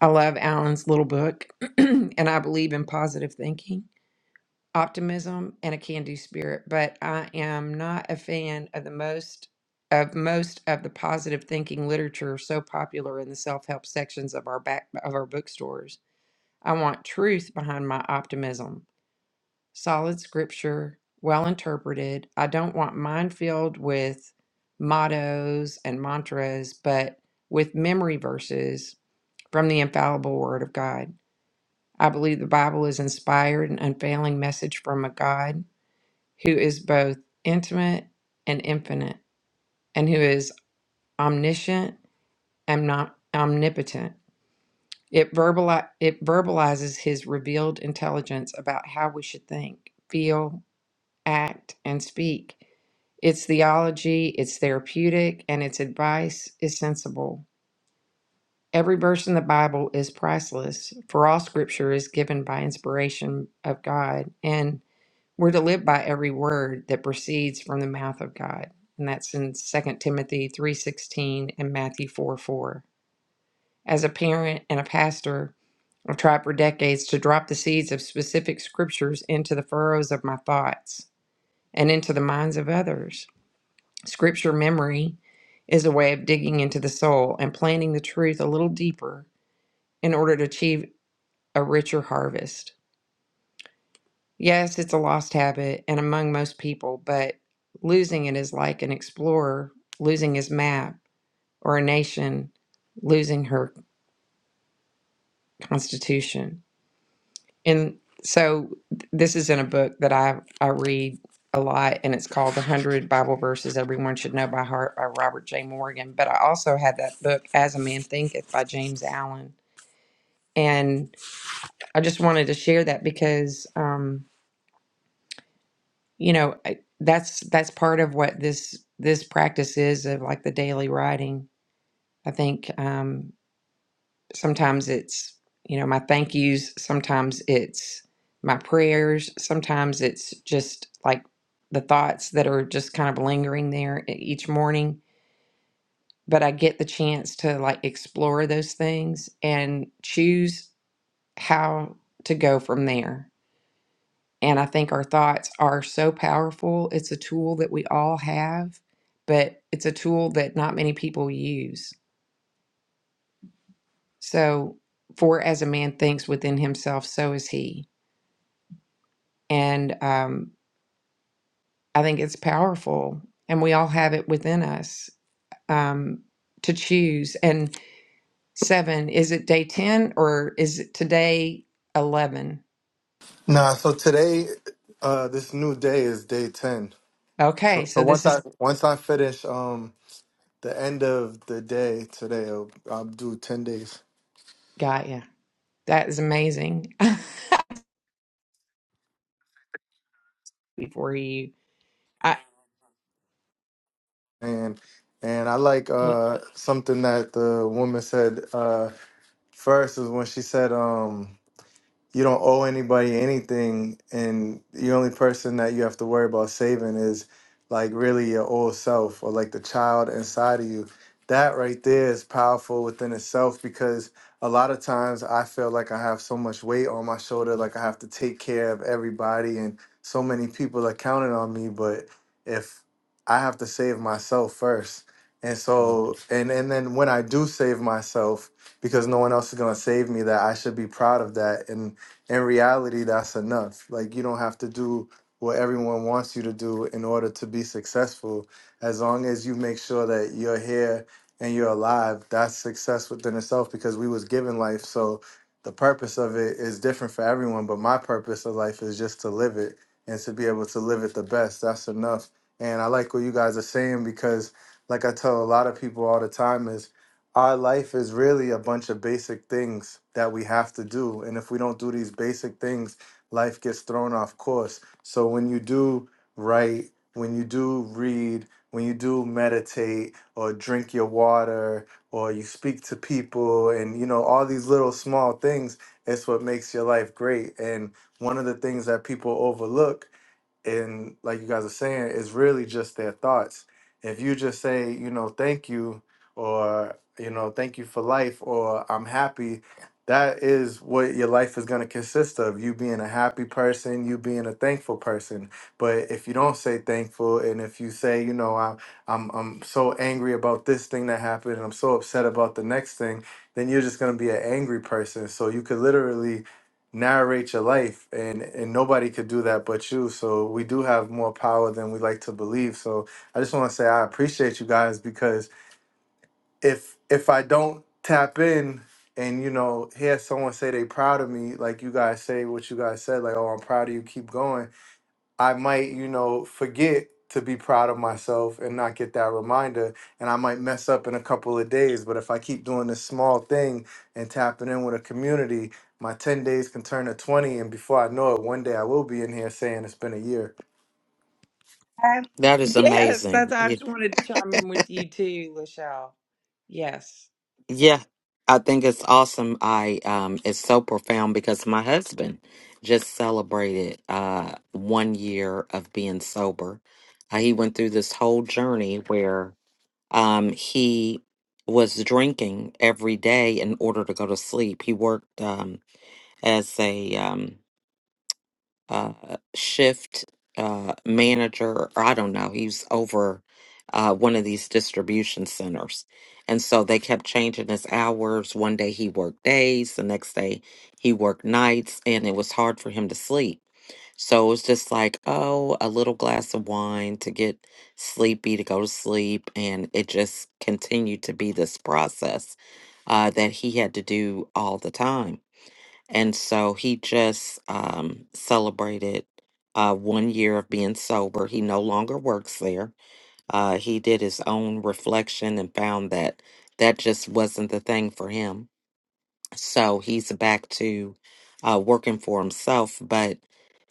Speaker 1: I love Allen's little book, and I believe in positive thinking. optimism and a can-do spirit, but I am not a fan of the most of most of the positive thinking literature so popular in the self-help sections of our back of our bookstores. I want truth behind my optimism. Solid scripture, well interpreted. I don't want mine filled with mottos and mantras, but with memory verses from the infallible word of God. I believe the Bible is inspired and unfailing message from a God who is both intimate and infinite, and who is omniscient and not omnipotent. It, verbali- it verbalizes his revealed intelligence about how we should think, feel, act, and speak. Its theology, its therapeutic, and its advice is sensible. Every verse in the Bible is priceless, for all scripture is given by inspiration of God, and. We're to live by every word that proceeds from the mouth of God. And that's in Second Timothy 3:16 and Matthew 4, 4. As a parent and a pastor, I've tried for decades to drop the seeds of specific scriptures into the furrows of my thoughts and into the minds of others. Scripture memory is a way of digging into the soul and planting the truth a little deeper in order to achieve a richer harvest. Yes, it's a lost habit and among most people, but losing it is like an explorer losing his map or a nation losing her constitution. And so th- this is in a book that I, I read a lot, and it's called The 100 Bible Verses Everyone Should Know by Heart by Robert J. Morgan. But I also had that book, As a Man Thinketh by James Allen. And I just wanted to share that because. um, you know I- that's that's part of what this this practice is of like the daily writing i think um sometimes it's you know my thank yous sometimes it's my prayers sometimes it's just like the thoughts that are just kind of lingering there e- each morning but i get the chance to like explore those things and choose how to go from there And I think our thoughts are so powerful. It's a tool that we all have, but it's a tool that not many people use. So, for as a man thinks within himself, so is he. And um, I think it's powerful, and we all have it within us um, to choose. And seven, is it day 10 or is it today 11?
Speaker 4: Nah. So today, uh, this new day is day ten.
Speaker 1: Okay,
Speaker 4: So so
Speaker 1: so this
Speaker 4: once I
Speaker 1: is,
Speaker 4: once I finish um the end of the day today, I'll, I'll do ten days.
Speaker 1: got ya. That is amazing. Before you. I.
Speaker 4: And and I like uh something that the woman said uh first is when she said um you don't owe anybody anything and the only person that you have to worry about saving is like really your old self or like the child inside of you that right there is powerful within itself because a lot of times i feel like i have so much weight on my shoulder like i have to take care of everybody and so many people are counting on me but if i have to save myself first and so
Speaker 2: Mhm.
Speaker 4: and and then when i do save myself because no one else is going to save me that i should be proud of that and in reality, that's enough. Like, you don't have to do what everyone wants you to do in order to be successful. As long as you make sure that you're here and you're alive, that's success within itself because we was given life. So the purpose of it is different for everyone, but my purpose of life is just to live it and to be able to live it the best. That's enough. And I like what you guys are saying because like I tell a lot of people all the time is our life is really a bunch of basic things that we have to do. And if we don't do these basic things, life gets thrown off course. So when you do write, when you do read, when you do meditate or drink your water or you speak to people and you know all these little small things it's what makes your life great and one of the things that people overlook and like you guys are saying, it's really just their thoughts. If you just say, you know, thank you, or you know, thank you for life, or I'm happy, that is what your life is going to consist of. You being a happy person, you being a thankful person. But if you don't say thankful, and if you say, you know, I'm I'm I'm so angry about this thing that happened, and I'm so upset about the next thing, then you're just going to be an angry person. So you could literally narrate your life and and nobody could do that but you so we do have more power than we like to believe so i just want to say i appreciate you guys because if if i don't tap in and you know hear someone say they proud of me like you guys say what you guys said like oh i'm proud of you keep going I might, you know, forget to be proud of myself and not get that reminder. And I might mess up in a couple of days. But if I keep doing this small thing and tapping in with a community, my 10 days can turn to 20. And before I know it, one day I will be in here saying it's been a year.
Speaker 1: Uh,
Speaker 2: That is
Speaker 1: Yes, that's I
Speaker 2: amazing.
Speaker 1: just wanted to chime in with you too, Lachelle. Yes,
Speaker 2: Yeah, I think it's awesome. I um it's so profound because my husband just celebrated uh one year of being sober. Uh, he went through this whole journey where um he was drinking every day in order to go to sleep. He worked um as a um uh, shift uh, manager, or I don't know, he's over uh, one of these distribution centers. And so they kept changing his hours. One day he worked days, the next day he worked nights, and it was hard for him to sleep. So it was just like, oh, a little glass of wine to get sleepy, to go to sleep. And it just continued to be this process uh, that he had to do all the time. And so he just um, celebrated uh, one year of being sober. He no longer works there. Uh, he did his own reflection and found that that just wasn't the thing for him. So he's back to uh, working for himself. But,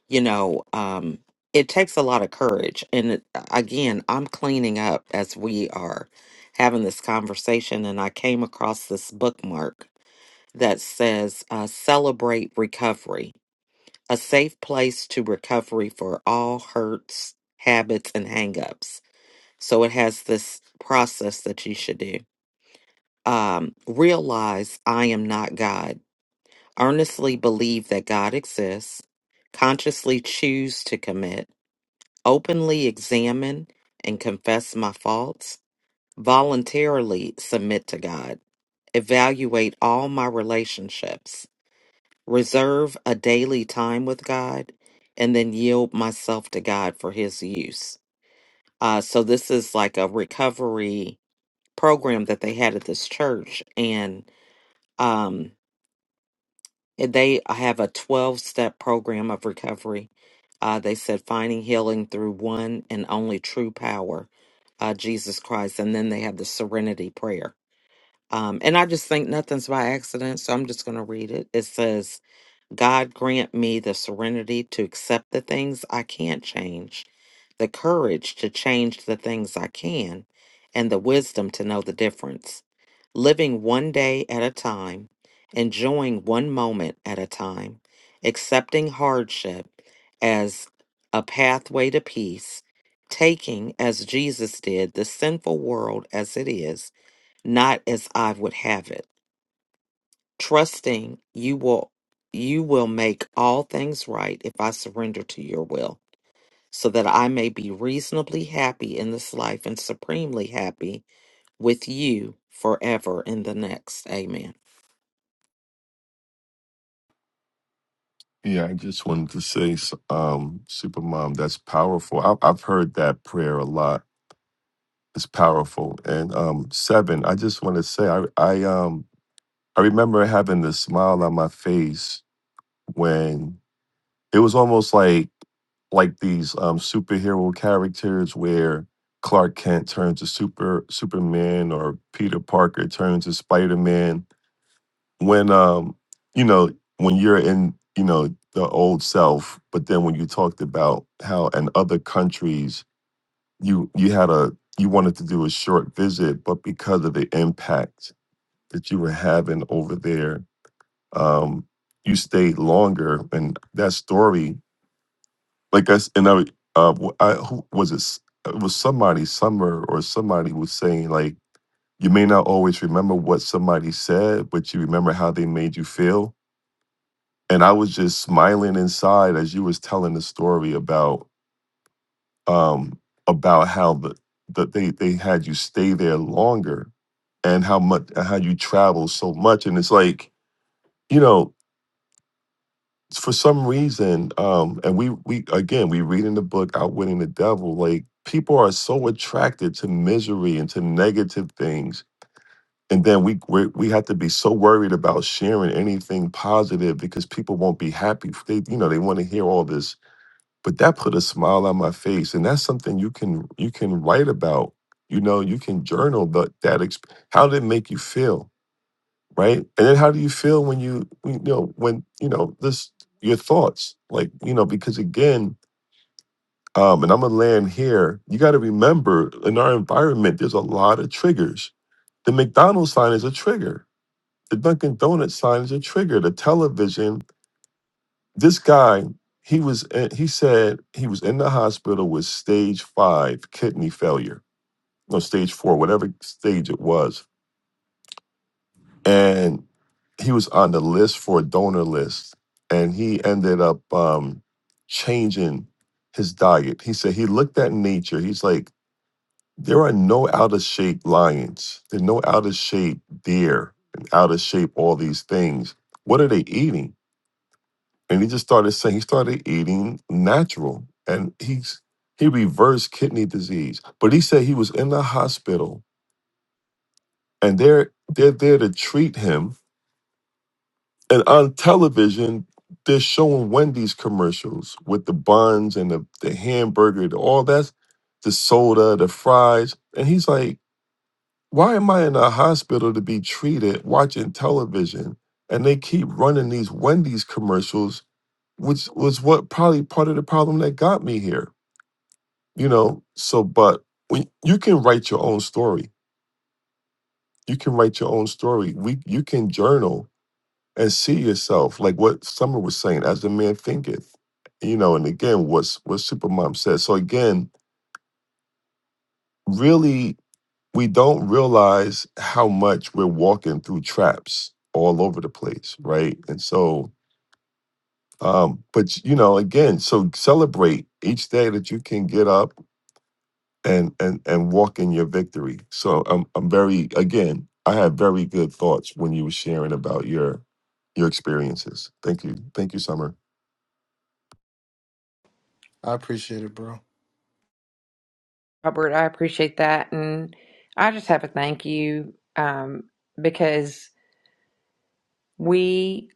Speaker 2: you know, um, it takes a lot of courage. And it- uh, again, I'm cleaning up as we are having this conversation. And I came across this bookmark that says uh, Celebrate Recovery a safe place to recovery for all hurts, habits, and hangups. So it has this process that you should do. Um, realize I am not God. Earnestly believe that God exists. Consciously choose to commit. Openly examine and confess my faults. Voluntarily submit to God. Evaluate all my relationships reserve a daily time with God, and then yield myself to God for His use. Uh, so this is like a recovery program that they had at this church, and um, they have a twelve-step program of recovery. Uh, they said finding healing through one and only true power, uh, Jesus Christ, and then they have the Serenity Prayer. Um, and I just think nothing's by accident, so I'm just going to read it. It says, God grant me the serenity to accept the things I can't change, the courage to change the things I can, and the wisdom to know the difference. Living one day at a time, enjoying one moment at a time, accepting hardship as a pathway to peace, taking, as Jesus did, the sinful world as it is, not as I would have it trusting you will you will make all things right if I surrender to your will, so that I may be reasonably happy in this life and supremely happy with you forever in the next. Amen.
Speaker 3: Yeah, I just wanted to say, s- um, Supermom, that's powerful. I, I've heard that prayer a lot. It's powerful. And um, seven, I just want to say, I, I, um, I remember having the smile on my face when it was almost like, like these um, superhero characters where Clark Kent turns to Super Superman or Peter Parker turns to Spider Man when um you know when you're in you know the old self but then when you talked about how in other countries you you had a you wanted to do a short visit but because of the impact that you were having over there um you stayed longer and that story like i s- and i uh wh- i who was it s- it was somebody summer or somebody was saying like you may not always remember what somebody said but you remember how they made you feel and I was just smiling inside as you was telling the story about um about how the that they they had you stay there longer and how much and how you travel so much and it's like you know for some reason um and we we again we read in the book outwitting the devil like people are so attracted to misery and to negative things and then we we we have to be so worried about sharing anything positive because people won't be happy they you know they want to hear all this but that put a smile on my face and that's something you can you can write about you know you can journal the, that exp- how did it make you feel right and then how do you feel when you you know when you know this your thoughts like you know because again um and i'm gonna land here you got to remember in our environment there's a lot of triggers the mcdonald's sign is a trigger the dunkin' donuts sign is a trigger the television This guy, he was in- he said he was in the hospital with stage 5 kidney failure. No, stage 4, whatever stage it was. And he was on the list for a donor list and he ended up um changing his diet. He said he looked at nature. He's like there are no out of shape lions. There are no out of shape deer and out of shape all these things. What are they eating? and he just started saying he started eating natural and he's he reversed kidney disease but he said he was in the hospital and they're they're there to treat him and on television they're showing wendy's commercials with the buns and the, the hamburger the, all that the soda the fries and he's like why am i in a hospital to be treated watching television and they keep running these wendy's commercials which was what probably part of the problem that got me here you know so but when you can write your own story you can write your own story we you can journal and see yourself like what summer was saying as a man thinketh you know and again what's what supermom said so again really we don't realize how much we're walking through traps all over the place right and so um but you know again so celebrate each day that you can get up and and and walk in your victory. So I'm I'm very again, I had very good thoughts when you were sharing about your your experiences. Thank you. Thank you, Summer.
Speaker 4: I appreciate it, bro.
Speaker 1: Robert, I appreciate that, and I just have a thank you um, because we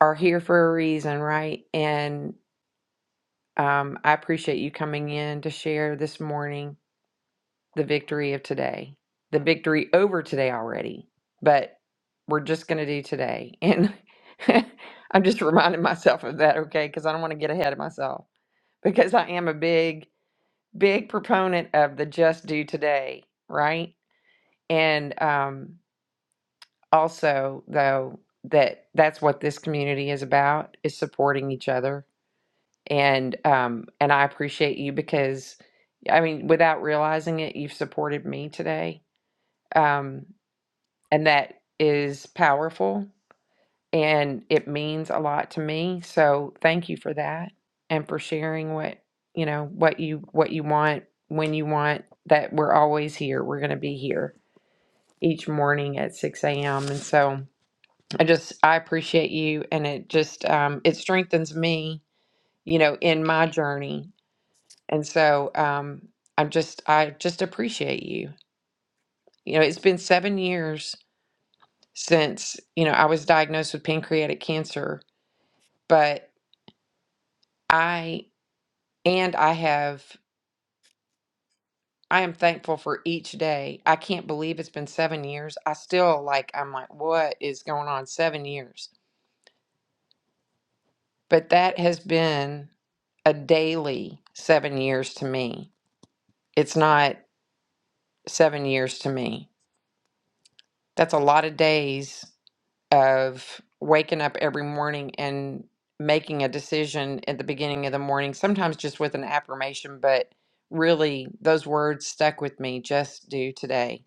Speaker 1: are here for a reason, right? And um, I appreciate you coming in to share this morning the victory of today, the victory over today already, but we're just going to do today, and I'm just reminding myself of that, okay? Because I don't want to get ahead of myself because I am a big, big proponent of the just do today, right? And um, also, though, that that's what this community is about is supporting each other. And um, and I appreciate you because, I mean, without realizing it, you've supported me today, um, and that is powerful and it means a lot to me. So thank you for that and for sharing what you know what you what you want when you want that we're always here. We're going to be here each morning at 6 a.m. And so I just I appreciate you and it just um, it strengthens me you know in my journey. And so um, I'm just I just appreciate you. You know it's been seven years since you know I was diagnosed with pancreatic cancer, but I And I have, I am thankful for each day. I can't believe it's been seven years. I still like, I'm like, what is going on? Seven years. But that has been a daily seven years to me. It's not seven years to me. That's a lot of days of waking up every morning and making a decision at the beginning of the morning, sometimes just with an affirmation, but really those words stuck with me just do today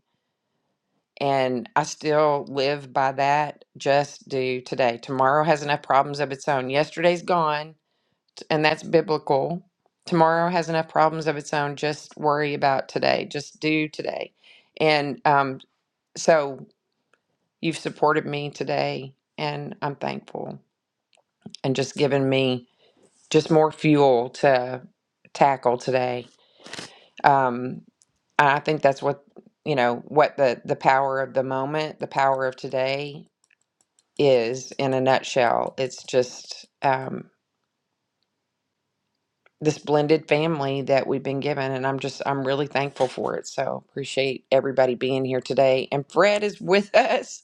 Speaker 1: And I still live by that just do today. Tomorrow has enough problems of its own. Yesterday's gone, and that's biblical. Tomorrow has enough problems of its own. Just worry about today. Just do today. And um, so you've supported me today, and I'm thankful and just given me just more fuel to tackle today. Um, I think that's what you know what the the power of the moment the power of today is in a nutshell. It's just um, this blended family that we've been given, and I'm just I'm really thankful for it. So appreciate everybody being here today. And Fred is with us.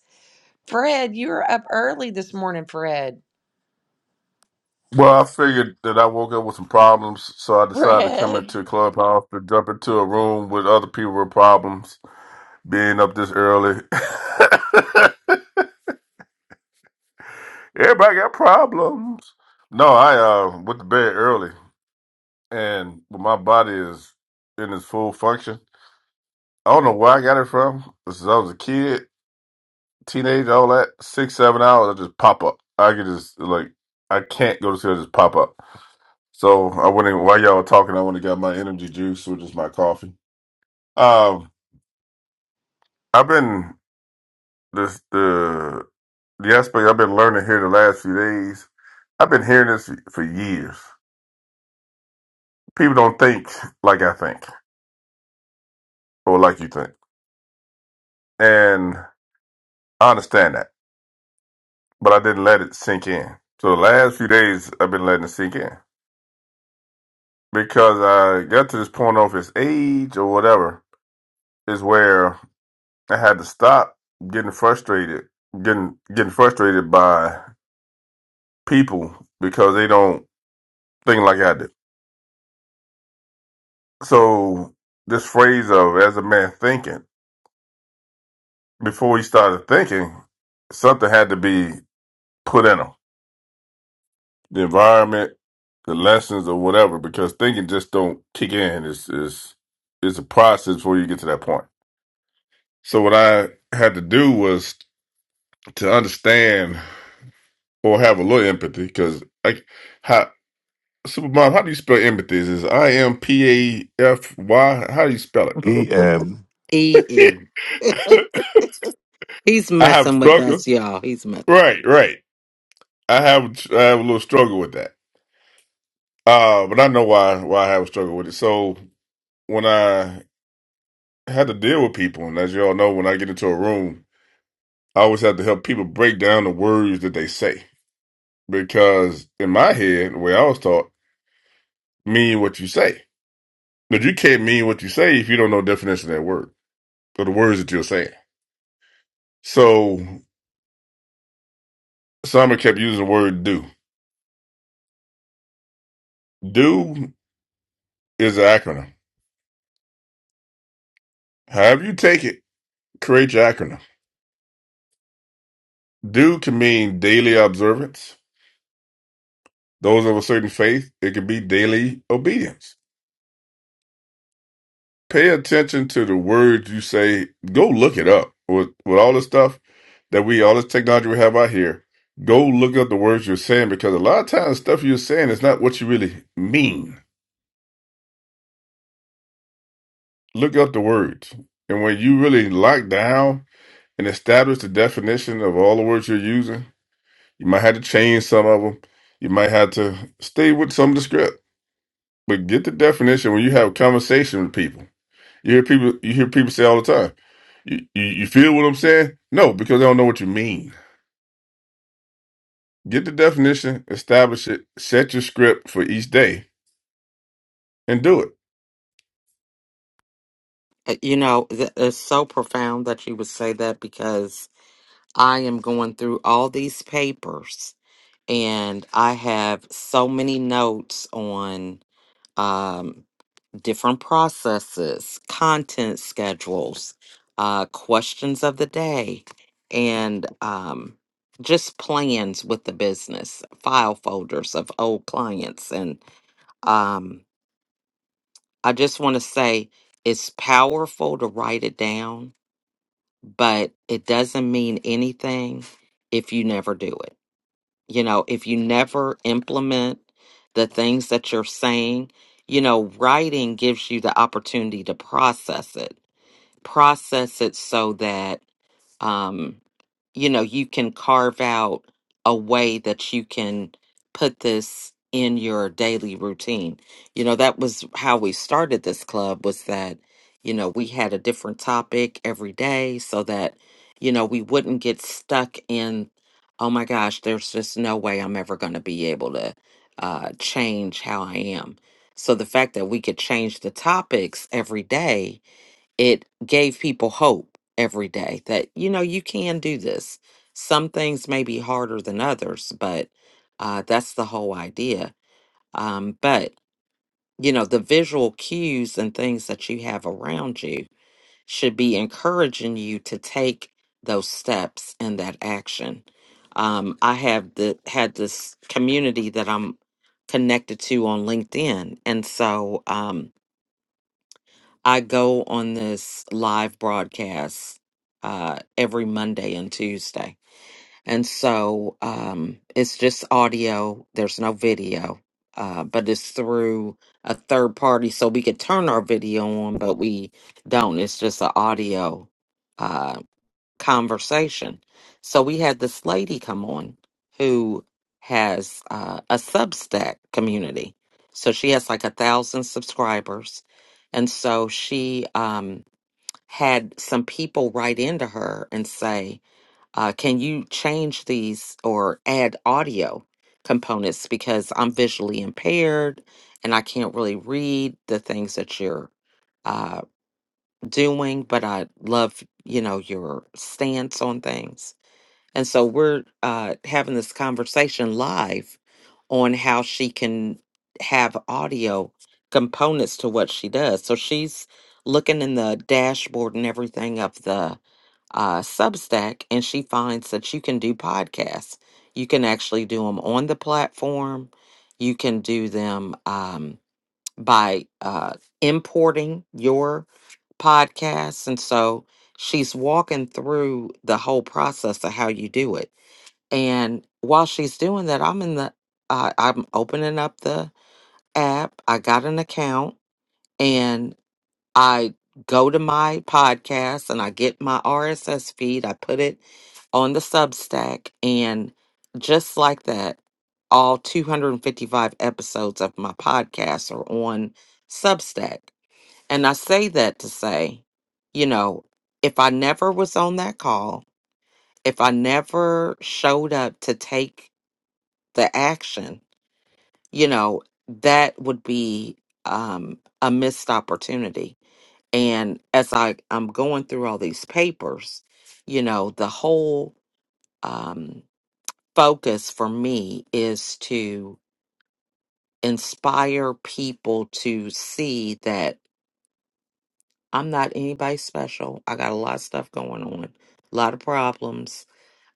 Speaker 1: Fred, you were up early this morning, Fred.
Speaker 5: Well, I figured that I woke up with some problems, so I decided to come
Speaker 1: Fred.
Speaker 5: into a clubhouse to jump into a room with other people with problems. Being up this early, everybody got problems. No, I uh went to bed early, and when my body is in its full function. I don't know where I got it from. Since I was a kid, teenage, all that six, seven hours, I just pop up. I could just like I can't go to sleep, I just pop up. So I went in while y'all were talking. I went and got my energy juice, which is my coffee Uh, I've been this the the aspect I've been learning here the last few days. I've been hearing this for years. People don't think like I think or like you think, and I understand that, but I didn't let it sink in. So the last few days I've been letting it sink in because I got to this point of his age or whatever is where I had to stop getting frustrated, getting getting frustrated by people because they don't think like I do So this phrase of as a man thinking, before he started thinking, something had to be put in him. The environment, the lessons or whatever, because thinking just don't kick in. It's it's it's a process before you get to that point. So what I had to do was to understand or have a little empathy, because like how Supermom, how do you spell empathy? Is it I M P A F Y? How do you spell
Speaker 3: EM
Speaker 2: E
Speaker 5: it?
Speaker 2: M. He's
Speaker 5: I have
Speaker 2: messing with
Speaker 5: struggled.
Speaker 2: us, y'all. He's mess.
Speaker 5: Right, right. I have I have a little struggle with that. Uh, but I know why why I have a struggle with it. So when I had to deal with people, and as you all know, when I get into a room, I always have to help people break down the words that they say because in my head, the way I was taught, mean what you say. But you can't mean what you say if you don't know the definition of that word or the words that you're saying. So Simon kept using the word do. Do is an acronym. However you take it, create your acronym. Do can mean daily observance. Those of a certain faith, it could be daily obedience. Pay attention to the words you say. Go look it up with, with all this stuff that we, all this technology we have out here. Go look up the words you're saying because a lot of times stuff you're saying is not what you really mean. Look up the words. And when you really lock down and establish the definition of all the words you're using, you might have to change some of them. You might have to stay with some of the script, but get the definition when you have a conversation with people You hear people you hear people say all the time. You, you you feel what I'm saying? No, because they don't know what you mean. Get the definition, establish it, set your script for each day, and do it.
Speaker 2: Uh, You know, th- it's so profound that you would say that because I am going through all these papers and I have so many notes on. Um, different processes, content schedules, uh, questions of the day, and um, just plans with the business, file folders of old clients. And um, I just want to say it's powerful to write it down, but it doesn't mean anything if you never do it. You know, if you never implement the things that you're saying, you know, writing gives you the opportunity to process it process it so that um you know you can carve out a way that you can put this in your daily routine you know that was how we started this club was that you know we had a different topic every day so that you know we wouldn't get stuck in oh my gosh there's just no way i'm ever going to be able to uh change how i am so the fact that we could change the topics every day it gave people hope every day that you know you can do this some things may be harder than others but uh, that's the whole idea um, but you know the visual cues and things that you have around you should be encouraging you to take those steps and that action um, i have the had this community that i'm connected to on linkedin and so um, I go on this live broadcast uh, every Monday and Tuesday. And so um, it's just audio, there's no video, uh, but it's through a third party. So we could turn our video on, but we don't. It's just an audio. uh, conversation. So we had this lady come on who has uh, a Substack community. So she has like a thousand subscribers. And so she um, had some people write into her and say, uh, Can you change these or add audio components? Because I'm visually impaired and I can't really read the things that you're. uh, doing, but I love, you know, your stance on things. And so we're uh, having this conversation live on how she can have audio components to what she does. So she's looking in the dashboard and everything of the uh, Substack, and she finds that you can do podcasts. You can actually do them on the platform. You can do them um, by uh, importing your podcasts. And so she's walking through the whole process of how you do it. And while she's doing that, I'm in the, uh, I'm opening up the app. I got an account and I go to my podcast and I get my RSS feed. I put it on the Substack. And just like that, all 255 episodes of my podcast are on Substack. And I say that to say, you know, if I never was on that call, if I never showed up to take the action, you know, that would be um, a missed opportunity. And as I, I'm going through all these papers, you know, the whole um, focus for me is to inspire people to see that I'm not anybody special. I got a lot of stuff going on, a lot of problems.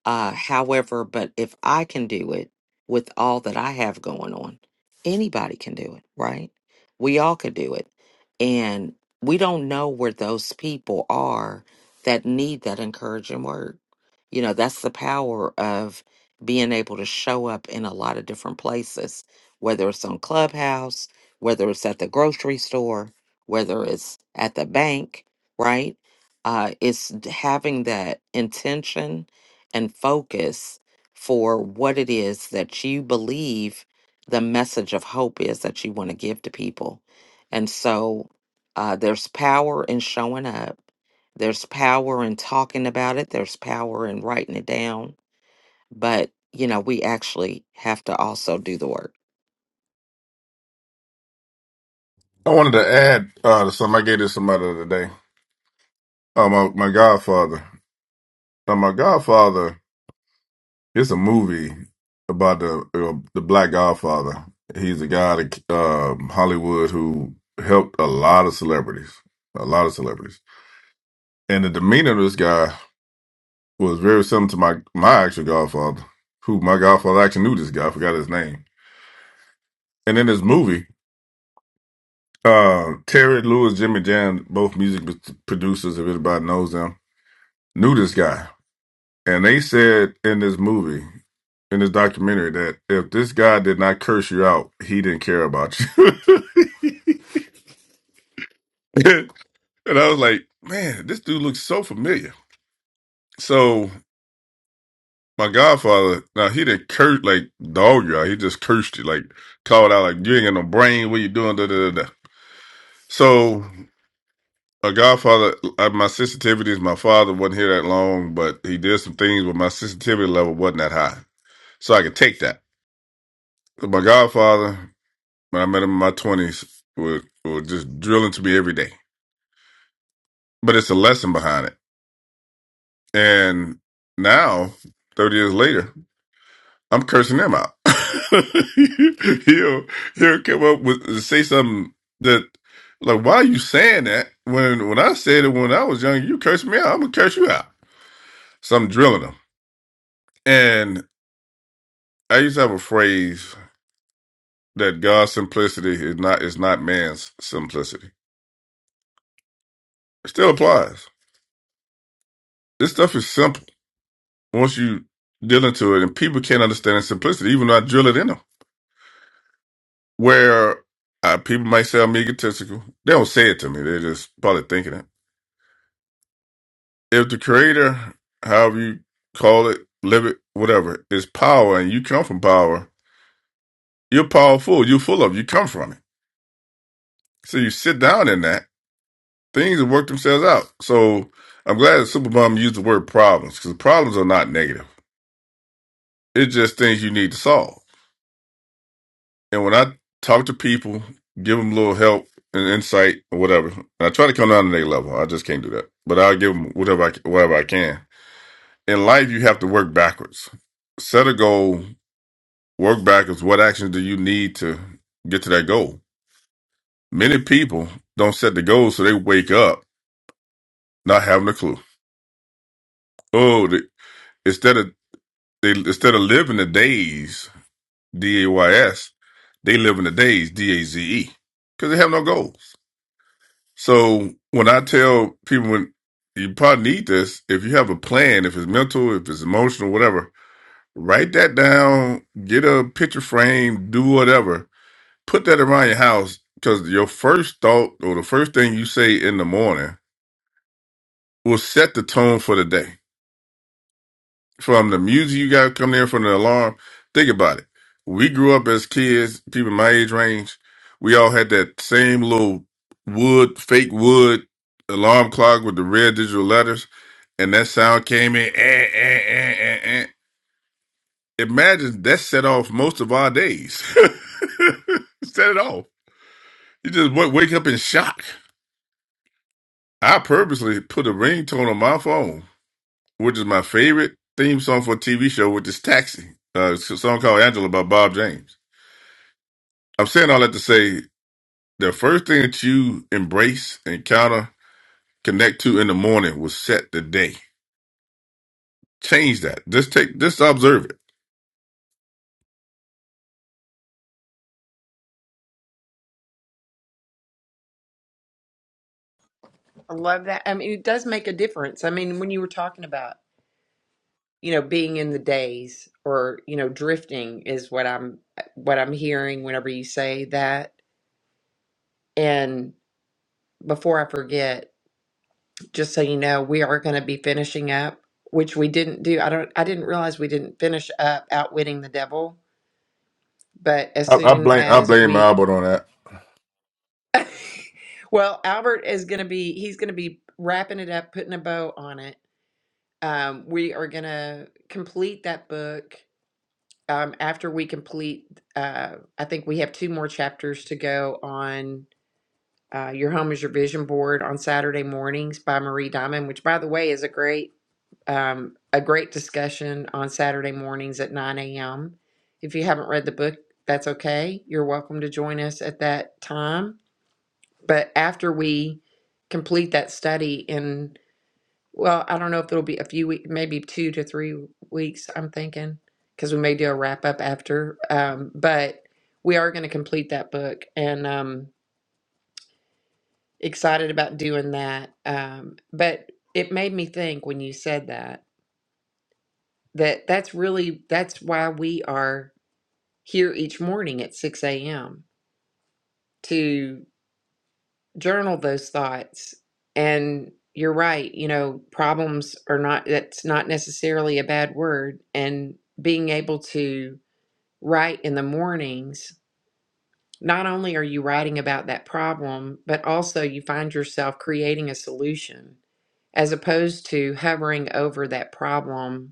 Speaker 2: Uh, however, but if I can do it with all that I have going on, anybody can do it, right? We all could do it. And we don't know where those people are that need that encouraging word you know, that's the power of being able to show up in a lot of different places, whether it's on Clubhouse, whether it's at the grocery store, whether it's at the bank, right? Uh, it's d- having that intention and focus for what it is that you believe the message of hope is that you want to give to people. And so uh, there's power in showing up there's power in talking about it, there's power in writing it down, but you know, we actually have to also do the work.
Speaker 5: I wanted to add uh, to something. I gave this to somebody the other day. Uh, my, my Godfather. Now, my Godfather It's a movie about the uh, the Black Godfather. He's a guy that uh, Hollywood who helped a lot of celebrities, a lot of celebrities. And the demeanor of this guy was very similar to my my actual godfather, who my godfather actually knew this guy. I forgot his name. And in this movie, uh, Terry Lewis, Jimmy Jam, both music p- producers, if anybody knows them, knew this guy. And they said in this movie, in this documentary, that if this guy did not curse you out, he didn't care about you. and I was like, man, this dude looks so familiar. So my godfather, now he didn't curse like dog you out. He just cursed you, like called out, like you ain't got no brain. What you doing? Da da da. da. So my godfather, uh, my sensitivities. my father wasn't here that long, but he did some things, but my sensitivity level wasn't that high, so I could take that. But my godfather, when I met him in my twenties, was was just drilling to me every day. But it's a lesson behind it, and now thirty years later. I'm cursing them out. he'll he'll come up with say something that like why are you saying that when when I said it when I was young you cursed me out I'm gonna curse you out so I'm drilling them and I used to have a phrase that God's simplicity is not is not man's simplicity it still applies this stuff is simple once you deal into it and people can't understand its simplicity even though I drill it in them where uh, people might say I'm egotistical they don't say it to me they just probably thinking it if the creator, however you call it, live it, whatever, is power and you come from power, you're powerful. You're full of, it. you come from it. So you sit down in that, things will work themselves out. So I'm glad that Superbum used the word problems because problems are not negative. It's just things you need to solve. And when I talk to people, give them a little help and insight or whatever, and I try to come down to their level. I just can't do that. But I'll give them whatever I, whatever I can. In life, you have to work backwards set a goal Work back is what actions do you need to get to that goal? Many people don't set the goal, so they wake up not having a clue. Oh, they, instead of they instead of living the days, D A Y S, they live in the days, D A Z E, because they have no goals. So when I tell people, when you probably need this, if you have a plan, if it's mental, if it's emotional, whatever, write that down, get a picture frame, do whatever put that around your house because your first thought or the first thing you say in the morning will set the tone for the day. From the music you got coming in from the alarm, think about it. We grew up as kids, people my age range, we all had that same little wood, fake wood alarm clock with the red digital letters, and that sound came in. Eh, eh, eh, eh, eh. Imagine that set off most of our days. set it off. You just wa- wake up in shock. I purposely put a ringtone on my phone, which is my favorite theme song for a TV show, which is Taxi. Uh, it's a song called Angela by Bob James. I'm saying all that to say the first thing that you embrace, encounter, connect to in the morning will set the day. Change that. Just take, just observe it.
Speaker 1: I love that. I mean, it does make a difference. I mean, when you were talking about, you know, being in the days or, you know, drifting is what I'm what I'm hearing whenever you say that. And before I forget, just so you know, we are going to be finishing up, which we didn't do. I don't, I didn't realize we didn't finish up Outwitting the Devil, but as
Speaker 5: I, I
Speaker 1: soon
Speaker 5: blame, I
Speaker 1: as
Speaker 5: blame my
Speaker 1: we,
Speaker 5: Albert on that.
Speaker 1: well, Albert is going to be, he's going to be wrapping it up, putting a bow on it. Um, we are going to complete that book. Um, after we complete, uh, I think we have two more chapters to go on uh, Your Home is Your Vision Board on Saturday mornings by Marie Diamond, which, by the way, is a great um, a great discussion on Saturday mornings at 9 a.m. If you haven't read the book, that's okay. You're welcome to join us at that time. But after we complete that study in, well, I don't know if it'll be a few weeks, maybe two to three weeks, I'm thinking, because we may do a wrap up after. Um, but we are going to complete that book and um, excited about doing that. Um, but it made me think when you said that that that's really that's why we are here each morning at 6 a.m to journal those thoughts and you're right you know problems are not that's not necessarily a bad word and being able to write in the mornings not only are you writing about that problem but also you find yourself creating a solution as opposed to hovering over that problem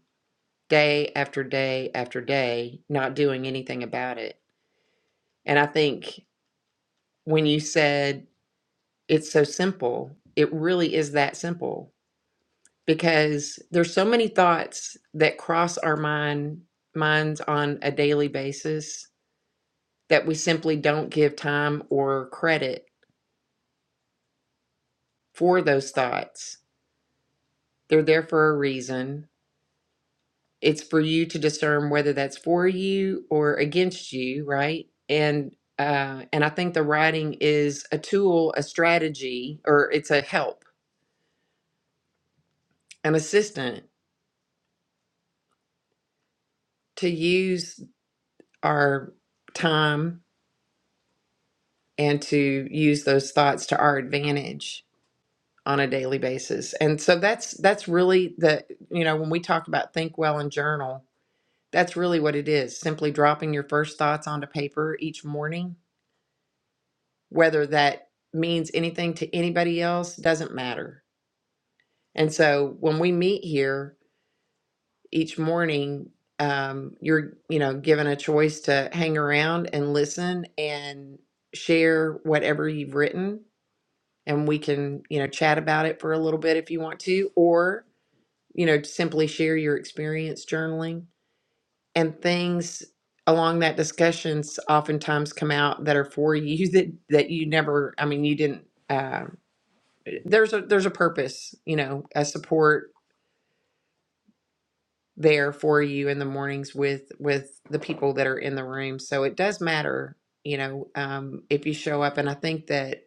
Speaker 1: day after day after day, not doing anything about it. And I think when you said it's so simple, it really is that simple because there's so many thoughts that cross our mind minds on a daily basis that we simply don't give time or credit for those thoughts. They're there for a reason it's for you to discern whether that's for you or against you right and uh, and i think the writing is a tool a strategy or it's a help an assistant to use our time and to use those thoughts to our advantage on a daily basis and so that's that's really the you know when we talk about think well and journal that's really what it is simply dropping your first thoughts onto paper each morning whether that means anything to anybody else doesn't matter. And so when we meet here each morning, um, you're you know given a choice to hang around and listen and share whatever you've written, and we can you know chat about it for a little bit if you want to, or you know simply share your experience journaling and things along that discussions oftentimes come out that are for you that that you never I mean you didn't uh, there's a there's a purpose you know a support there for you in the mornings with with the people that are in the room so it does matter you know um if you show up and i think that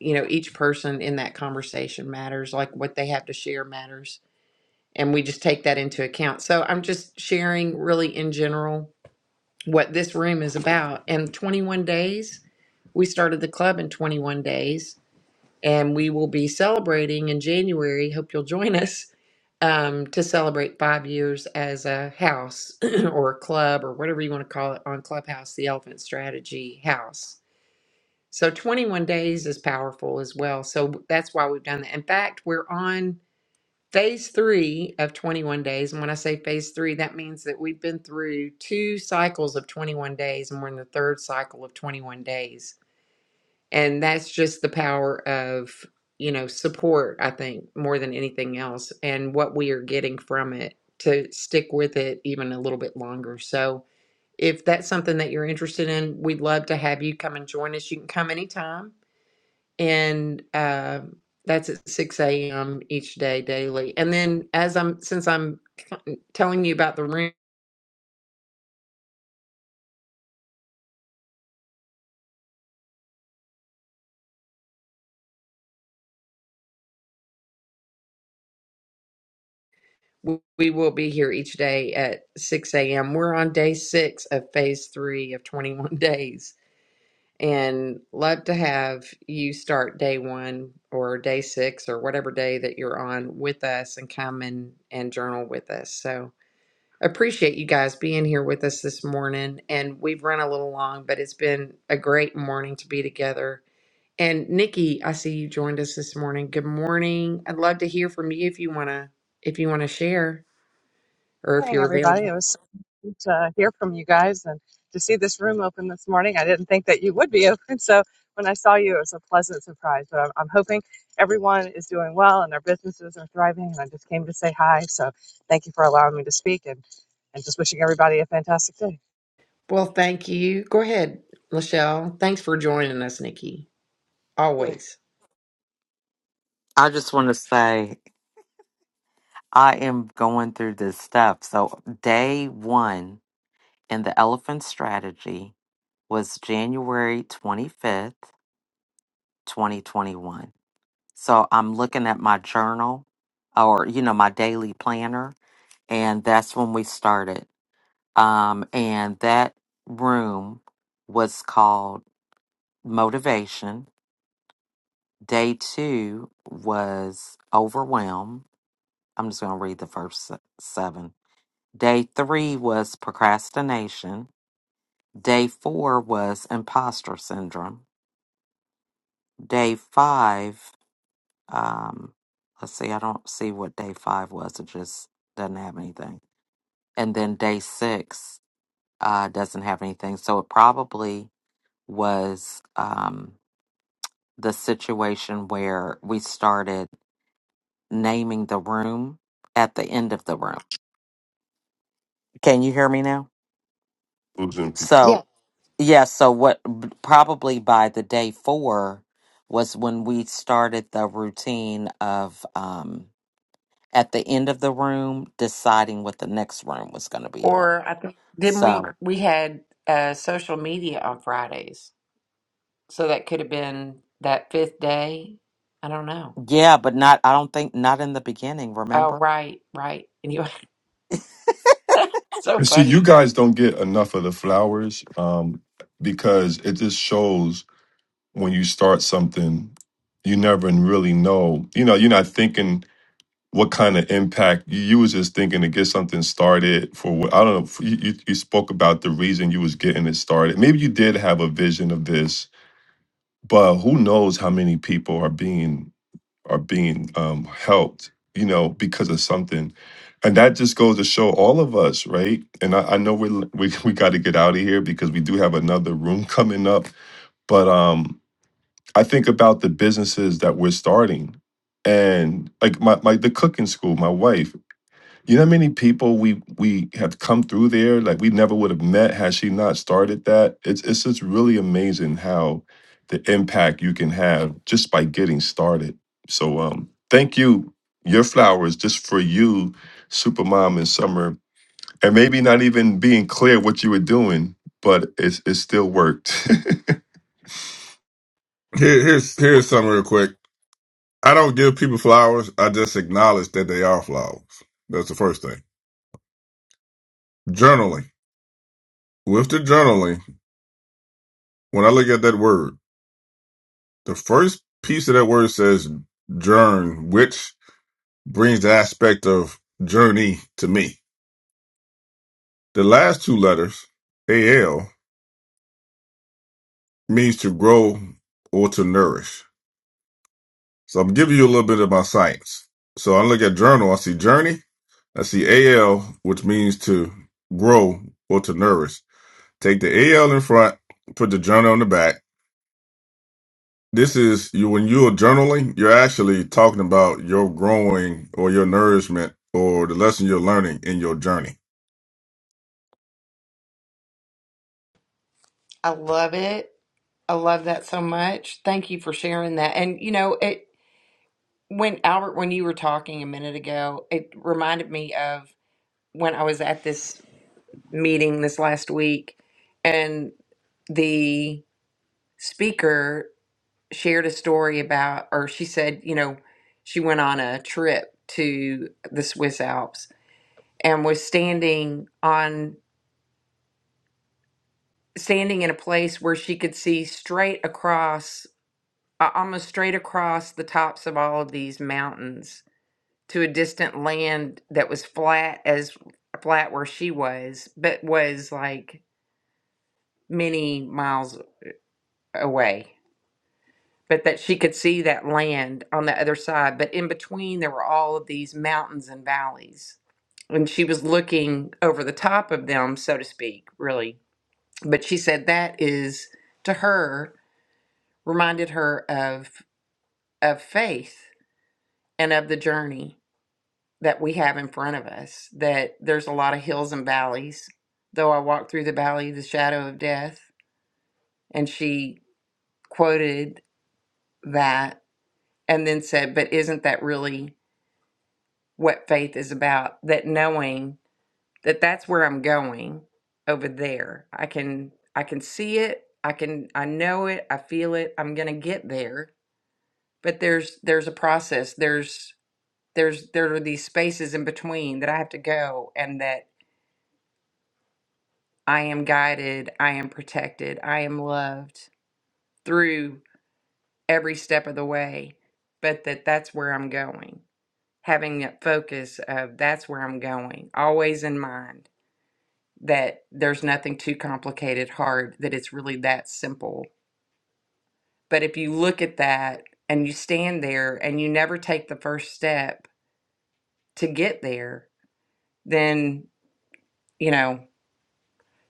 Speaker 1: you know each person in that conversation matters like what they have to share matters and we just take that into account so i'm just sharing really in general what this room is about and 21 days we started the club in 21 days and we will be celebrating in January. Hope you'll join us um, to celebrate five years as a house or a club or whatever you want to call it on Clubhouse, the Elephant Strategy House. So 21 days is powerful as well. So that's why we've done that. In fact, we're on phase three of 21 days. And when I say phase three, that means that we've been through two cycles of 21 days and we're in the third cycle of 21 days and that's just the power of you know support i think more than anything else and what we are getting from it to stick with it even a little bit longer so if that's something that you're interested in we'd love to have you come and join us you can come anytime and uh, that's at 6 a.m each day daily and then as i'm since i'm telling you about the room we we will be here each day at 6 a.m we're on day six of phase three of 21 days and love to have you start day one or day six or whatever day that you're on with us and come and, and journal with us. So appreciate you guys being here with us this morning. And we've run a little long, but it's been a great morning to be together. And Nikki, I see you joined us this morning. Good morning. I'd love to hear from you if you wanna if you wanna share or if
Speaker 6: morning,
Speaker 1: you're
Speaker 6: everybody.
Speaker 1: available.
Speaker 6: It was so good to hear from you guys and to see this room open this morning. I didn't think that you would be open. So when I saw you, it was a pleasant surprise. But I'm, I'm hoping everyone is doing well and their businesses are thriving. And I just came to say hi. So thank you for allowing me to speak and, and just wishing everybody a fantastic day.
Speaker 1: Well, thank you. Go ahead, Lachelle. Thanks for joining us, Nikki. Always.
Speaker 2: I just want to say I am going through this stuff. So, day one in the elephant strategy was January 25th, 2021. So, I'm looking at my journal or, you know, my daily planner, and that's when we started. Um, and that room was called motivation. Day two was overwhelm. I'm just going to read the first se- seven. Day three was procrastination. Day four was imposter syndrome. Day five, um, let's see, I don't see what day five was. It just doesn't have anything. And then day six uh, doesn't have anything. So it probably was um, the situation where we started. naming the room at the end of the room. Can you hear me now?
Speaker 3: losing
Speaker 1: Yeah.
Speaker 3: people.
Speaker 2: So, yeah, so what b- probably by the day four was when we started the routine of um, at the end of the room deciding what the next room was going to be on.
Speaker 1: Or I think didn't
Speaker 2: So,
Speaker 1: we
Speaker 2: Sure.
Speaker 1: we had uh social media on Fridays. So that could have been that fifth day. I don't know.
Speaker 2: yeah, but not, I don't think, not in the beginning,
Speaker 1: Oh,
Speaker 2: remember?
Speaker 1: right, right. Anyway, so
Speaker 3: And see,
Speaker 1: funny.
Speaker 3: you guys don't get enough of the flowers um, because it just shows when you start something, you never really know. You know, you're not thinking. what kind of impact you, you was just thinking to get something started for what I don't know. f- You, you you spoke about the reason you was getting it started. Maybe you did have a vision of this, but who knows how many people are being are being um, helped, you know, because of something. And that just goes to show all of us, right? And I, I know we're, l- we we got to get out of here because we do have another room coming up. But um, I think about the businesses that we're starting, and like my, my the cooking school, my wife. You know how many people we we have come through there like we never would have met had she not started that. It's it's just really amazing how the impact you can have just by getting started. So um thank you your flowers just for you Supermom and Summer and maybe not even being clear what you were doing, but it's it still worked.
Speaker 5: Here, here's, here's something real quick. I don't give people flowers. I just acknowledge that they are flowers. That's the first thing. Journaling. With the journaling, when I look at that word. The first piece of that word says journ, which brings the aspect of journey to me. The last two letters, AL, means to grow or to nourish. So I'm giving you a little bit of my science. So I look at journal, I see journey, I see AL, which means to grow or to nourish. Take the AL in front, put the journal on the back, This is you when you're journaling, you're actually talking about your growing or your nourishment or the lesson you're learning in your journey.
Speaker 1: I love it. I love that so much. Thank you for sharing that. And you know, it when Albert, when you were talking a minute ago, it reminded me of when I was at this meeting this last week and the speaker shared a story about, or she said, you know, she went on a trip to the Swiss Alps and was standing on standing in a place where she could see straight across a- almost straight across the tops of all of these mountains to a distant land that was flat as flat where she was but was like many miles away but that she could see that land on the other side. But in between, there were all of these mountains and valleys. And she was looking over the top of them, so to speak, really. But she said that is, to her, reminded her of, of faith and of the journey that we have in front of us, that there's a lot of hills and valleys. Though I walk through the valley of the shadow of death. And she quoted that and then said, But isn't that really what faith is about that knowing that that's where i'm going over there i can i can see it i can i know it i feel it i'm gonna get there but there's there's a process there's there's there are these spaces in between that i have to go and that i am guided i am protected i am loved through every step of the way but that that's where i'm going having that focus of that's where i'm going always in mind that there's nothing too complicated, hard, that it's really that simple. But if you look at that and you stand there and you never take the first step to get there, then, you know,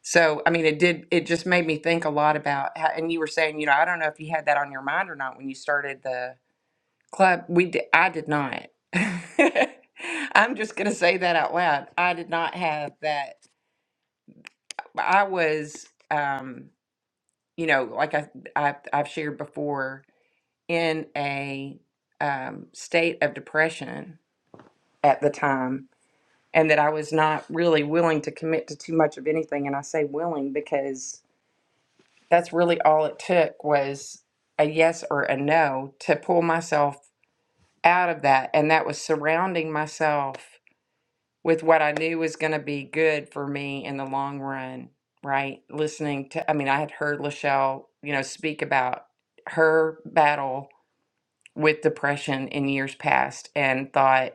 Speaker 1: so I mean, it did, it just made me think a lot about how, and you were saying, you know, I don't know if you had that on your mind or not when you started the club. We did, I did not. I'm just going to say that out loud. I did not have that. I was, um, you know, like I, I, I've shared before, in a um, state of depression at the time and that I was not really willing to commit to too much of anything. And I say willing because that's really all it took was a yes or a no to pull myself out of that. And that was surrounding myself with what I knew was going to be good for me in the long run, right? Listening to, I mean, I had heard Lachelle, you know, speak about her battle with depression in years past and thought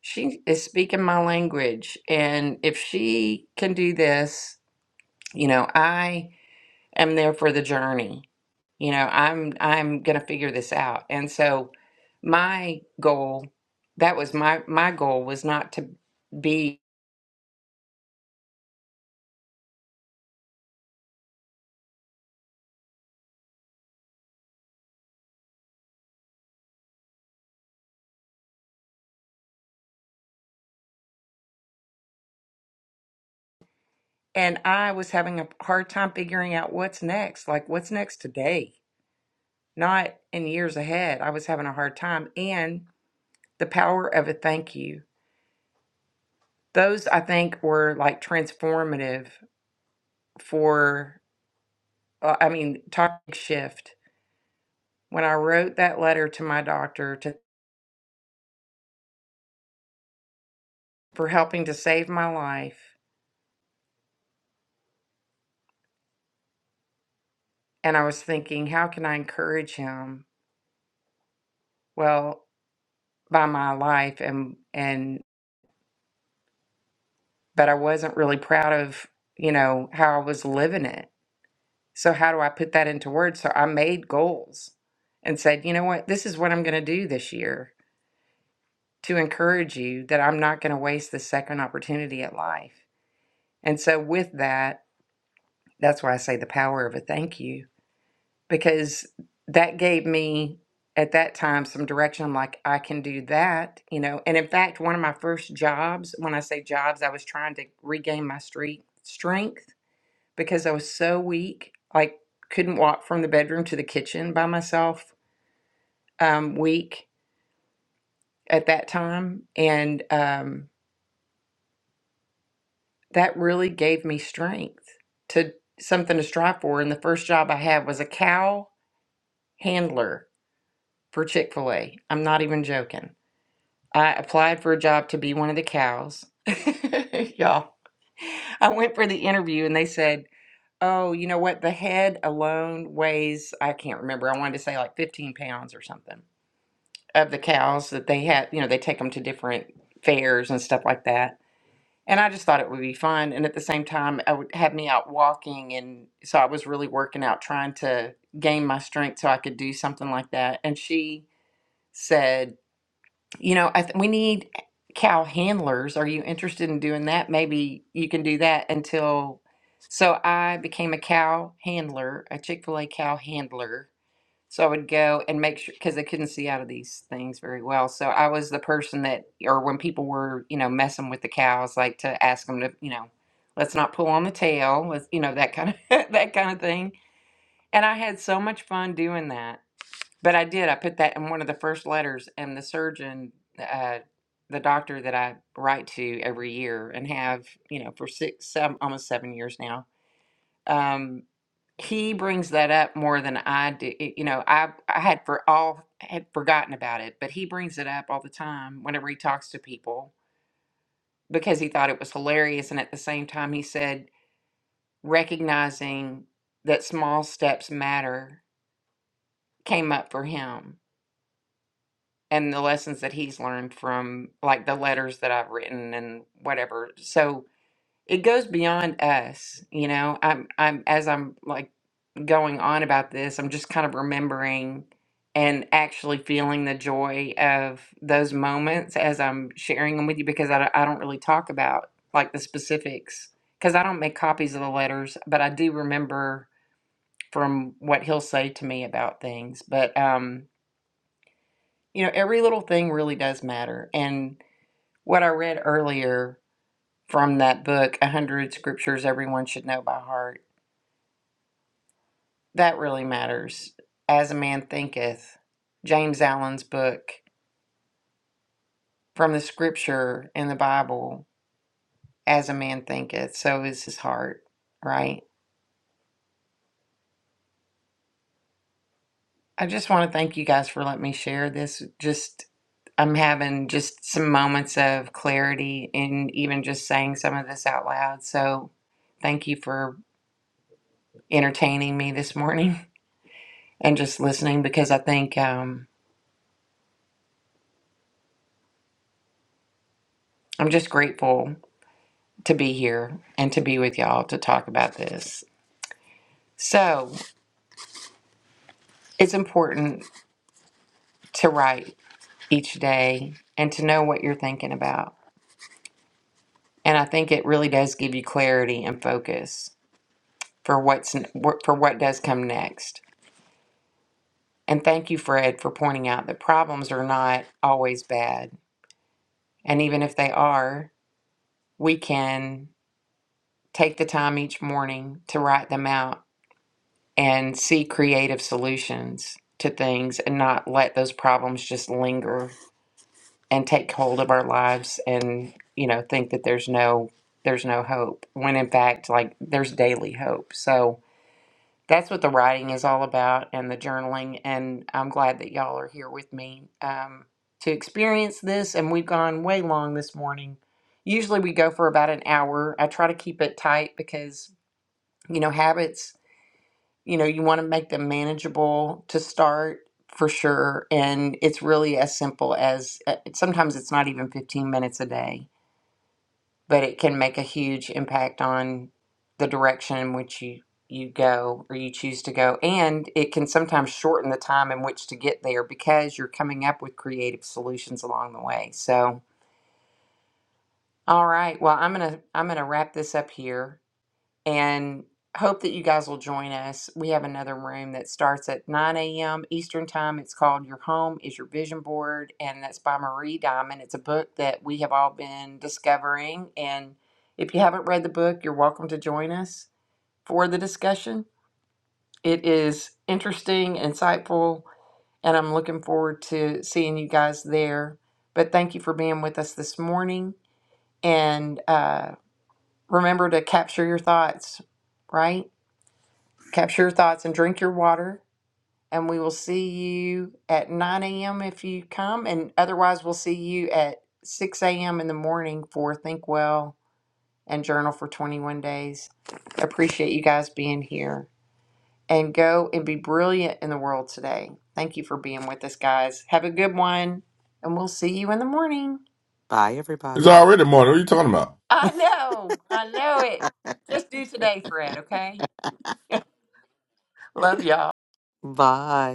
Speaker 1: she is speaking my language and if she can do this you know i am there for the journey you know i'm i'm going to figure this out and so my goal that was my my goal was not to be and i was having a hard time figuring out what's next like what's next today not in years ahead i was having a hard time and the power of a thank you those I think were like transformative for, uh, I mean, topic shift. When I wrote that letter to my doctor to, for helping to save my life, and I was thinking, how can I encourage him? Well, by my life, and and but I wasn't really proud of you know how I was living it. So how do I put that into words? So I made goals and said, you know what, this is what I'm going to do this year to encourage you that I'm not going to waste the second opportunity at life. And so, with that, that's why I say the power of a thank you, because that gave me at that time some direction. I'm like, I can do that, you know. And in fact, one of my first jobs, when I say jobs, I was trying to regain my street strength because I was so weak, like, couldn't walk from the bedroom to the kitchen by myself, um, weak at that time. And, um, that really gave me strength to something to strive for. And the first job I had was a cow handler for Chick fil A. I'm not even joking. I applied for a job to be one of the cows. Y'all, I went for the interview and they said, Oh, you know what? The head alone weighs, I can't remember. I wanted to say like 15 pounds or something of the cows that they had. You know, they take them to different fairs and stuff like that And I just thought it would be fun. And at the same time, I would have me out walking. And so I was really working out, trying to gain my strength so I could do something like that. And she said, You know, I th- we need cow handlers. Are you interested in doing that? Maybe you can do that until. So I became a cow handler, a Chick fil A cow handler so I would go and make sure because they couldn't see out of these things very well. So I was the person that, or when people were, you know, messing with the cows, like to ask them to, you know, let's not pull on the tail, let's, you know, that kind of that kind of thing. And I had so much fun doing that. But I did. I put that in one of the first letters, and the surgeon, uh, the doctor that I write to every year and have, you know, for six, seven, almost seven years now. Um he brings that up more than I do. It- You know, I I had for all had forgotten about it, but he brings it up all the time whenever he talks to people because he thought it was hilarious. And at the same time, he said recognizing that small steps matter came up for him and the lessons that he's learned from like the letters that I've written and whatever. So it goes beyond us, you know. I'm I'm as I'm like going on about this, I'm just kind of remembering and actually feeling the joy of those moments as I'm sharing them with you because I, don't- I don't really talk about like the specifics because I don't make copies of the letters, but I do remember from what he'll say to me about things. But, um, you know, every little thing really does matter. And what I read earlier from that book, 100 Scriptures Everyone Should Know by Heart that really matters. As a man thinketh, James Allen's book from the scripture in the Bible, as a man thinketh, so is his heart, right? I just want to thank you guys for letting me share this. Just, I'm having just some moments of clarity in even just saying some of this out loud. So thank you for entertaining me this morning and just listening because I think um, I'm just grateful to be here and to be with y'all to talk about this. So it's important to write each day and to know what you're thinking about. And I think it really does give you clarity and focus for what's for what does come next. And thank you, Fred, for pointing out that problems are not always bad. And even if they are, we can take the time each morning to write them out and see creative solutions to things and not let those problems just linger and take hold of our lives and you know think that there's no there's no hope when in fact like there's daily hope so that's what the writing is all about and the journaling and i'm glad that y'all are here with me um, to experience this and we've gone way long this morning usually we go for about an hour i try to keep it tight because you know habits you know you want to make them manageable to start for sure and it's really as simple as uh, sometimes it's not even 15 minutes a day but it can make a huge impact on the direction in which you you go or you choose to go and it can sometimes shorten the time in which to get there because you're coming up with creative solutions along the way so all right well i'm gonna i'm gonna wrap this up here and hope that you guys will join us. We have another room that starts at 9 a.m. Eastern Time. It's called Your Home is Your Vision Board, and that's by Marie Diamond. It's a book that we have all been discovering. And if you haven't read the book, you're welcome to join us for the discussion. It is interesting, insightful, and I'm looking forward to seeing you guys there. But thank you for being with us this morning. And uh, remember to capture your thoughts, right? Capture your thoughts and drink your water. And we will see you at 9 a.m. if you come. And otherwise, we'll see you at 6 a.m. in the morning for Think Well and Journal for 21 Days. Appreciate you guys being here. And go and be brilliant in the world today. Thank you for being with us, guys. Have a good one. And we'll see you in the morning.
Speaker 2: Bye,
Speaker 5: It's
Speaker 2: everybody.
Speaker 5: already morning. What are you talking about?
Speaker 1: I know. I know it. Just do today, Fred, okay? Love y'all.
Speaker 2: Bye.